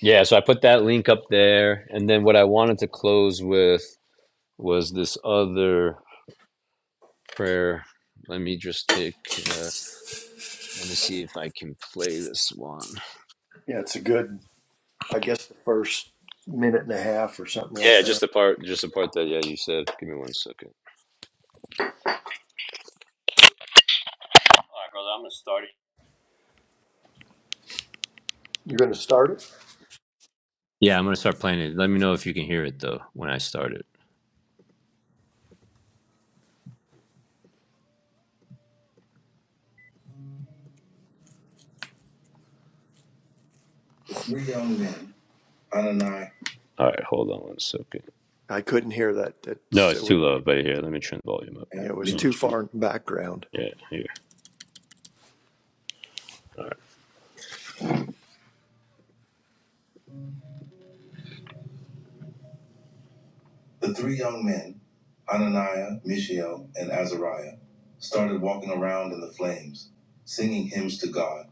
S1: Yeah, so I put that link up there, and then what I wanted to close with was this other prayer. Let me just take. Uh, let me see if I can play this one.
S2: Yeah, it's a good I guess the first minute and a half or something like
S1: Yeah, just
S2: that.
S1: the part, just the part that yeah you said. Give me one second. All right, brother, I'm gonna start it.
S2: You're going to start it?
S1: Yeah, I'm gonna start playing it. Let me know if you can hear it though when I start it. Read on then, Anani. All right, hold on one second.
S2: I couldn't hear that.
S1: No,
S2: That's
S1: it's
S2: it was,
S1: too low. But here, let me turn the volume up. Yeah, me.
S2: it
S1: Let
S2: was
S1: me
S2: too
S1: turn-
S2: far in the background.
S1: Yeah, here. All right. The three young men, Ananiah, Mishael, and Azariah, started walking around in the flames, singing hymns to God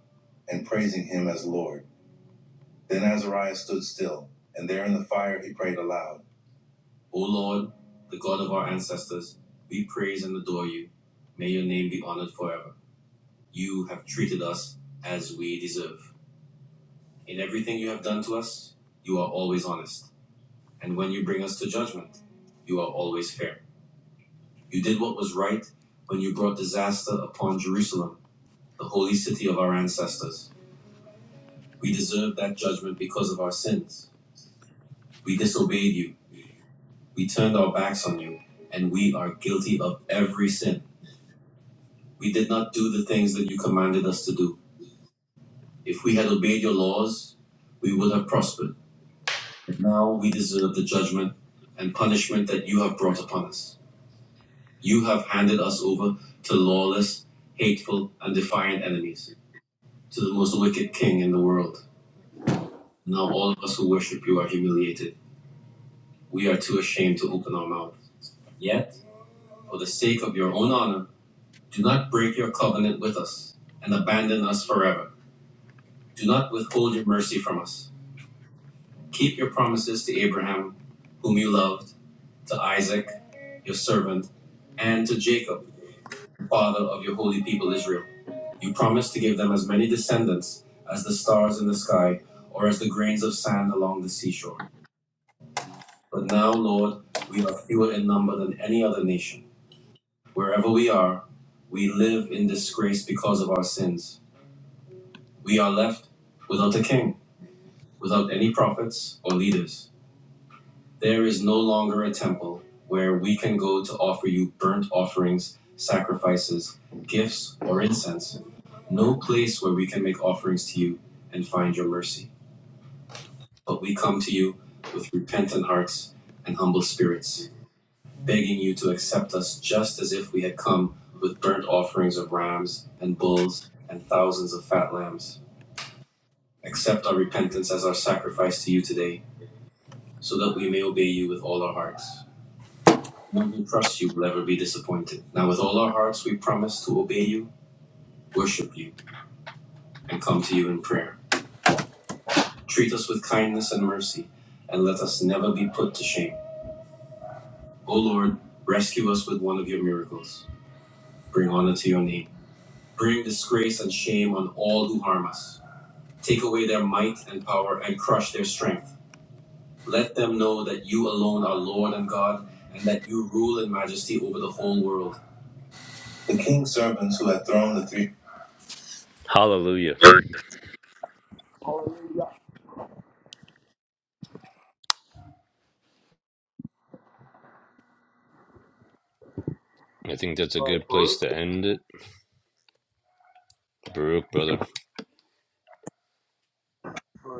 S1: and praising him as Lord. Then Azariah stood still, and there in the fire he prayed aloud O Lord, the God of our ancestors, we praise and adore you. May your name be honored forever. You have treated us as we deserve. In everything you have done to us, you are always honest. and when you bring us to judgment, you are always fair. You did what was right when you brought disaster upon Jerusalem, the holy city of our ancestors. We deserved that judgment because of our sins. We disobeyed you, we turned our backs on you, and we are guilty of every sin. We did not do the things that you commanded us to do. If we had obeyed your laws, we would have prospered. But now we deserve the judgment and punishment that you have brought upon us. You have handed us over to lawless, hateful, and defiant enemies, to the most wicked king in the world. Now all of us who worship you are humiliated. We are too ashamed to open our mouth. Yet, for the sake of your own honor, do not break your covenant with us and abandon us forever. Do not withhold your mercy from us. Keep your promises to Abraham, whom you loved, to Isaac, your servant, and to Jacob, father of your holy people Israel. You promised to give them as many descendants as the stars in the sky or as the grains of sand along the seashore. But now, Lord, we are fewer in number than any other nation. Wherever we are, we live in disgrace because of our sins. We are left without a king, without any prophets or leaders. There is no longer a temple where we can go to offer you burnt offerings, sacrifices, gifts, or incense. No place where we can make offerings to you and find your mercy. But we come to you with repentant hearts and humble spirits, begging you to accept us just as if we had come with burnt offerings of rams and bulls and thousands of fat lambs. Accept our repentance as our sacrifice to you today, so that we may obey you with all our hearts. One who trusts you will never be disappointed. Now, with all our hearts, we promise to obey you, worship you, and come to you in prayer. Treat us with kindness and mercy, and let us never be put to shame. O Lord, rescue us with one of your miracles. Bring honor to your name. Bring disgrace and shame on all who harm us. Take away their might and power and crush their strength. Let them know that you alone are Lord and God, and that you rule in majesty over the whole world. The king's servants who had thrown the three. Hallelujah.
S2: Hallelujah. Hallelujah.
S1: I think that's a
S2: All
S1: good place
S2: right,
S1: to end it. Baruch, brother.
S2: Baruch.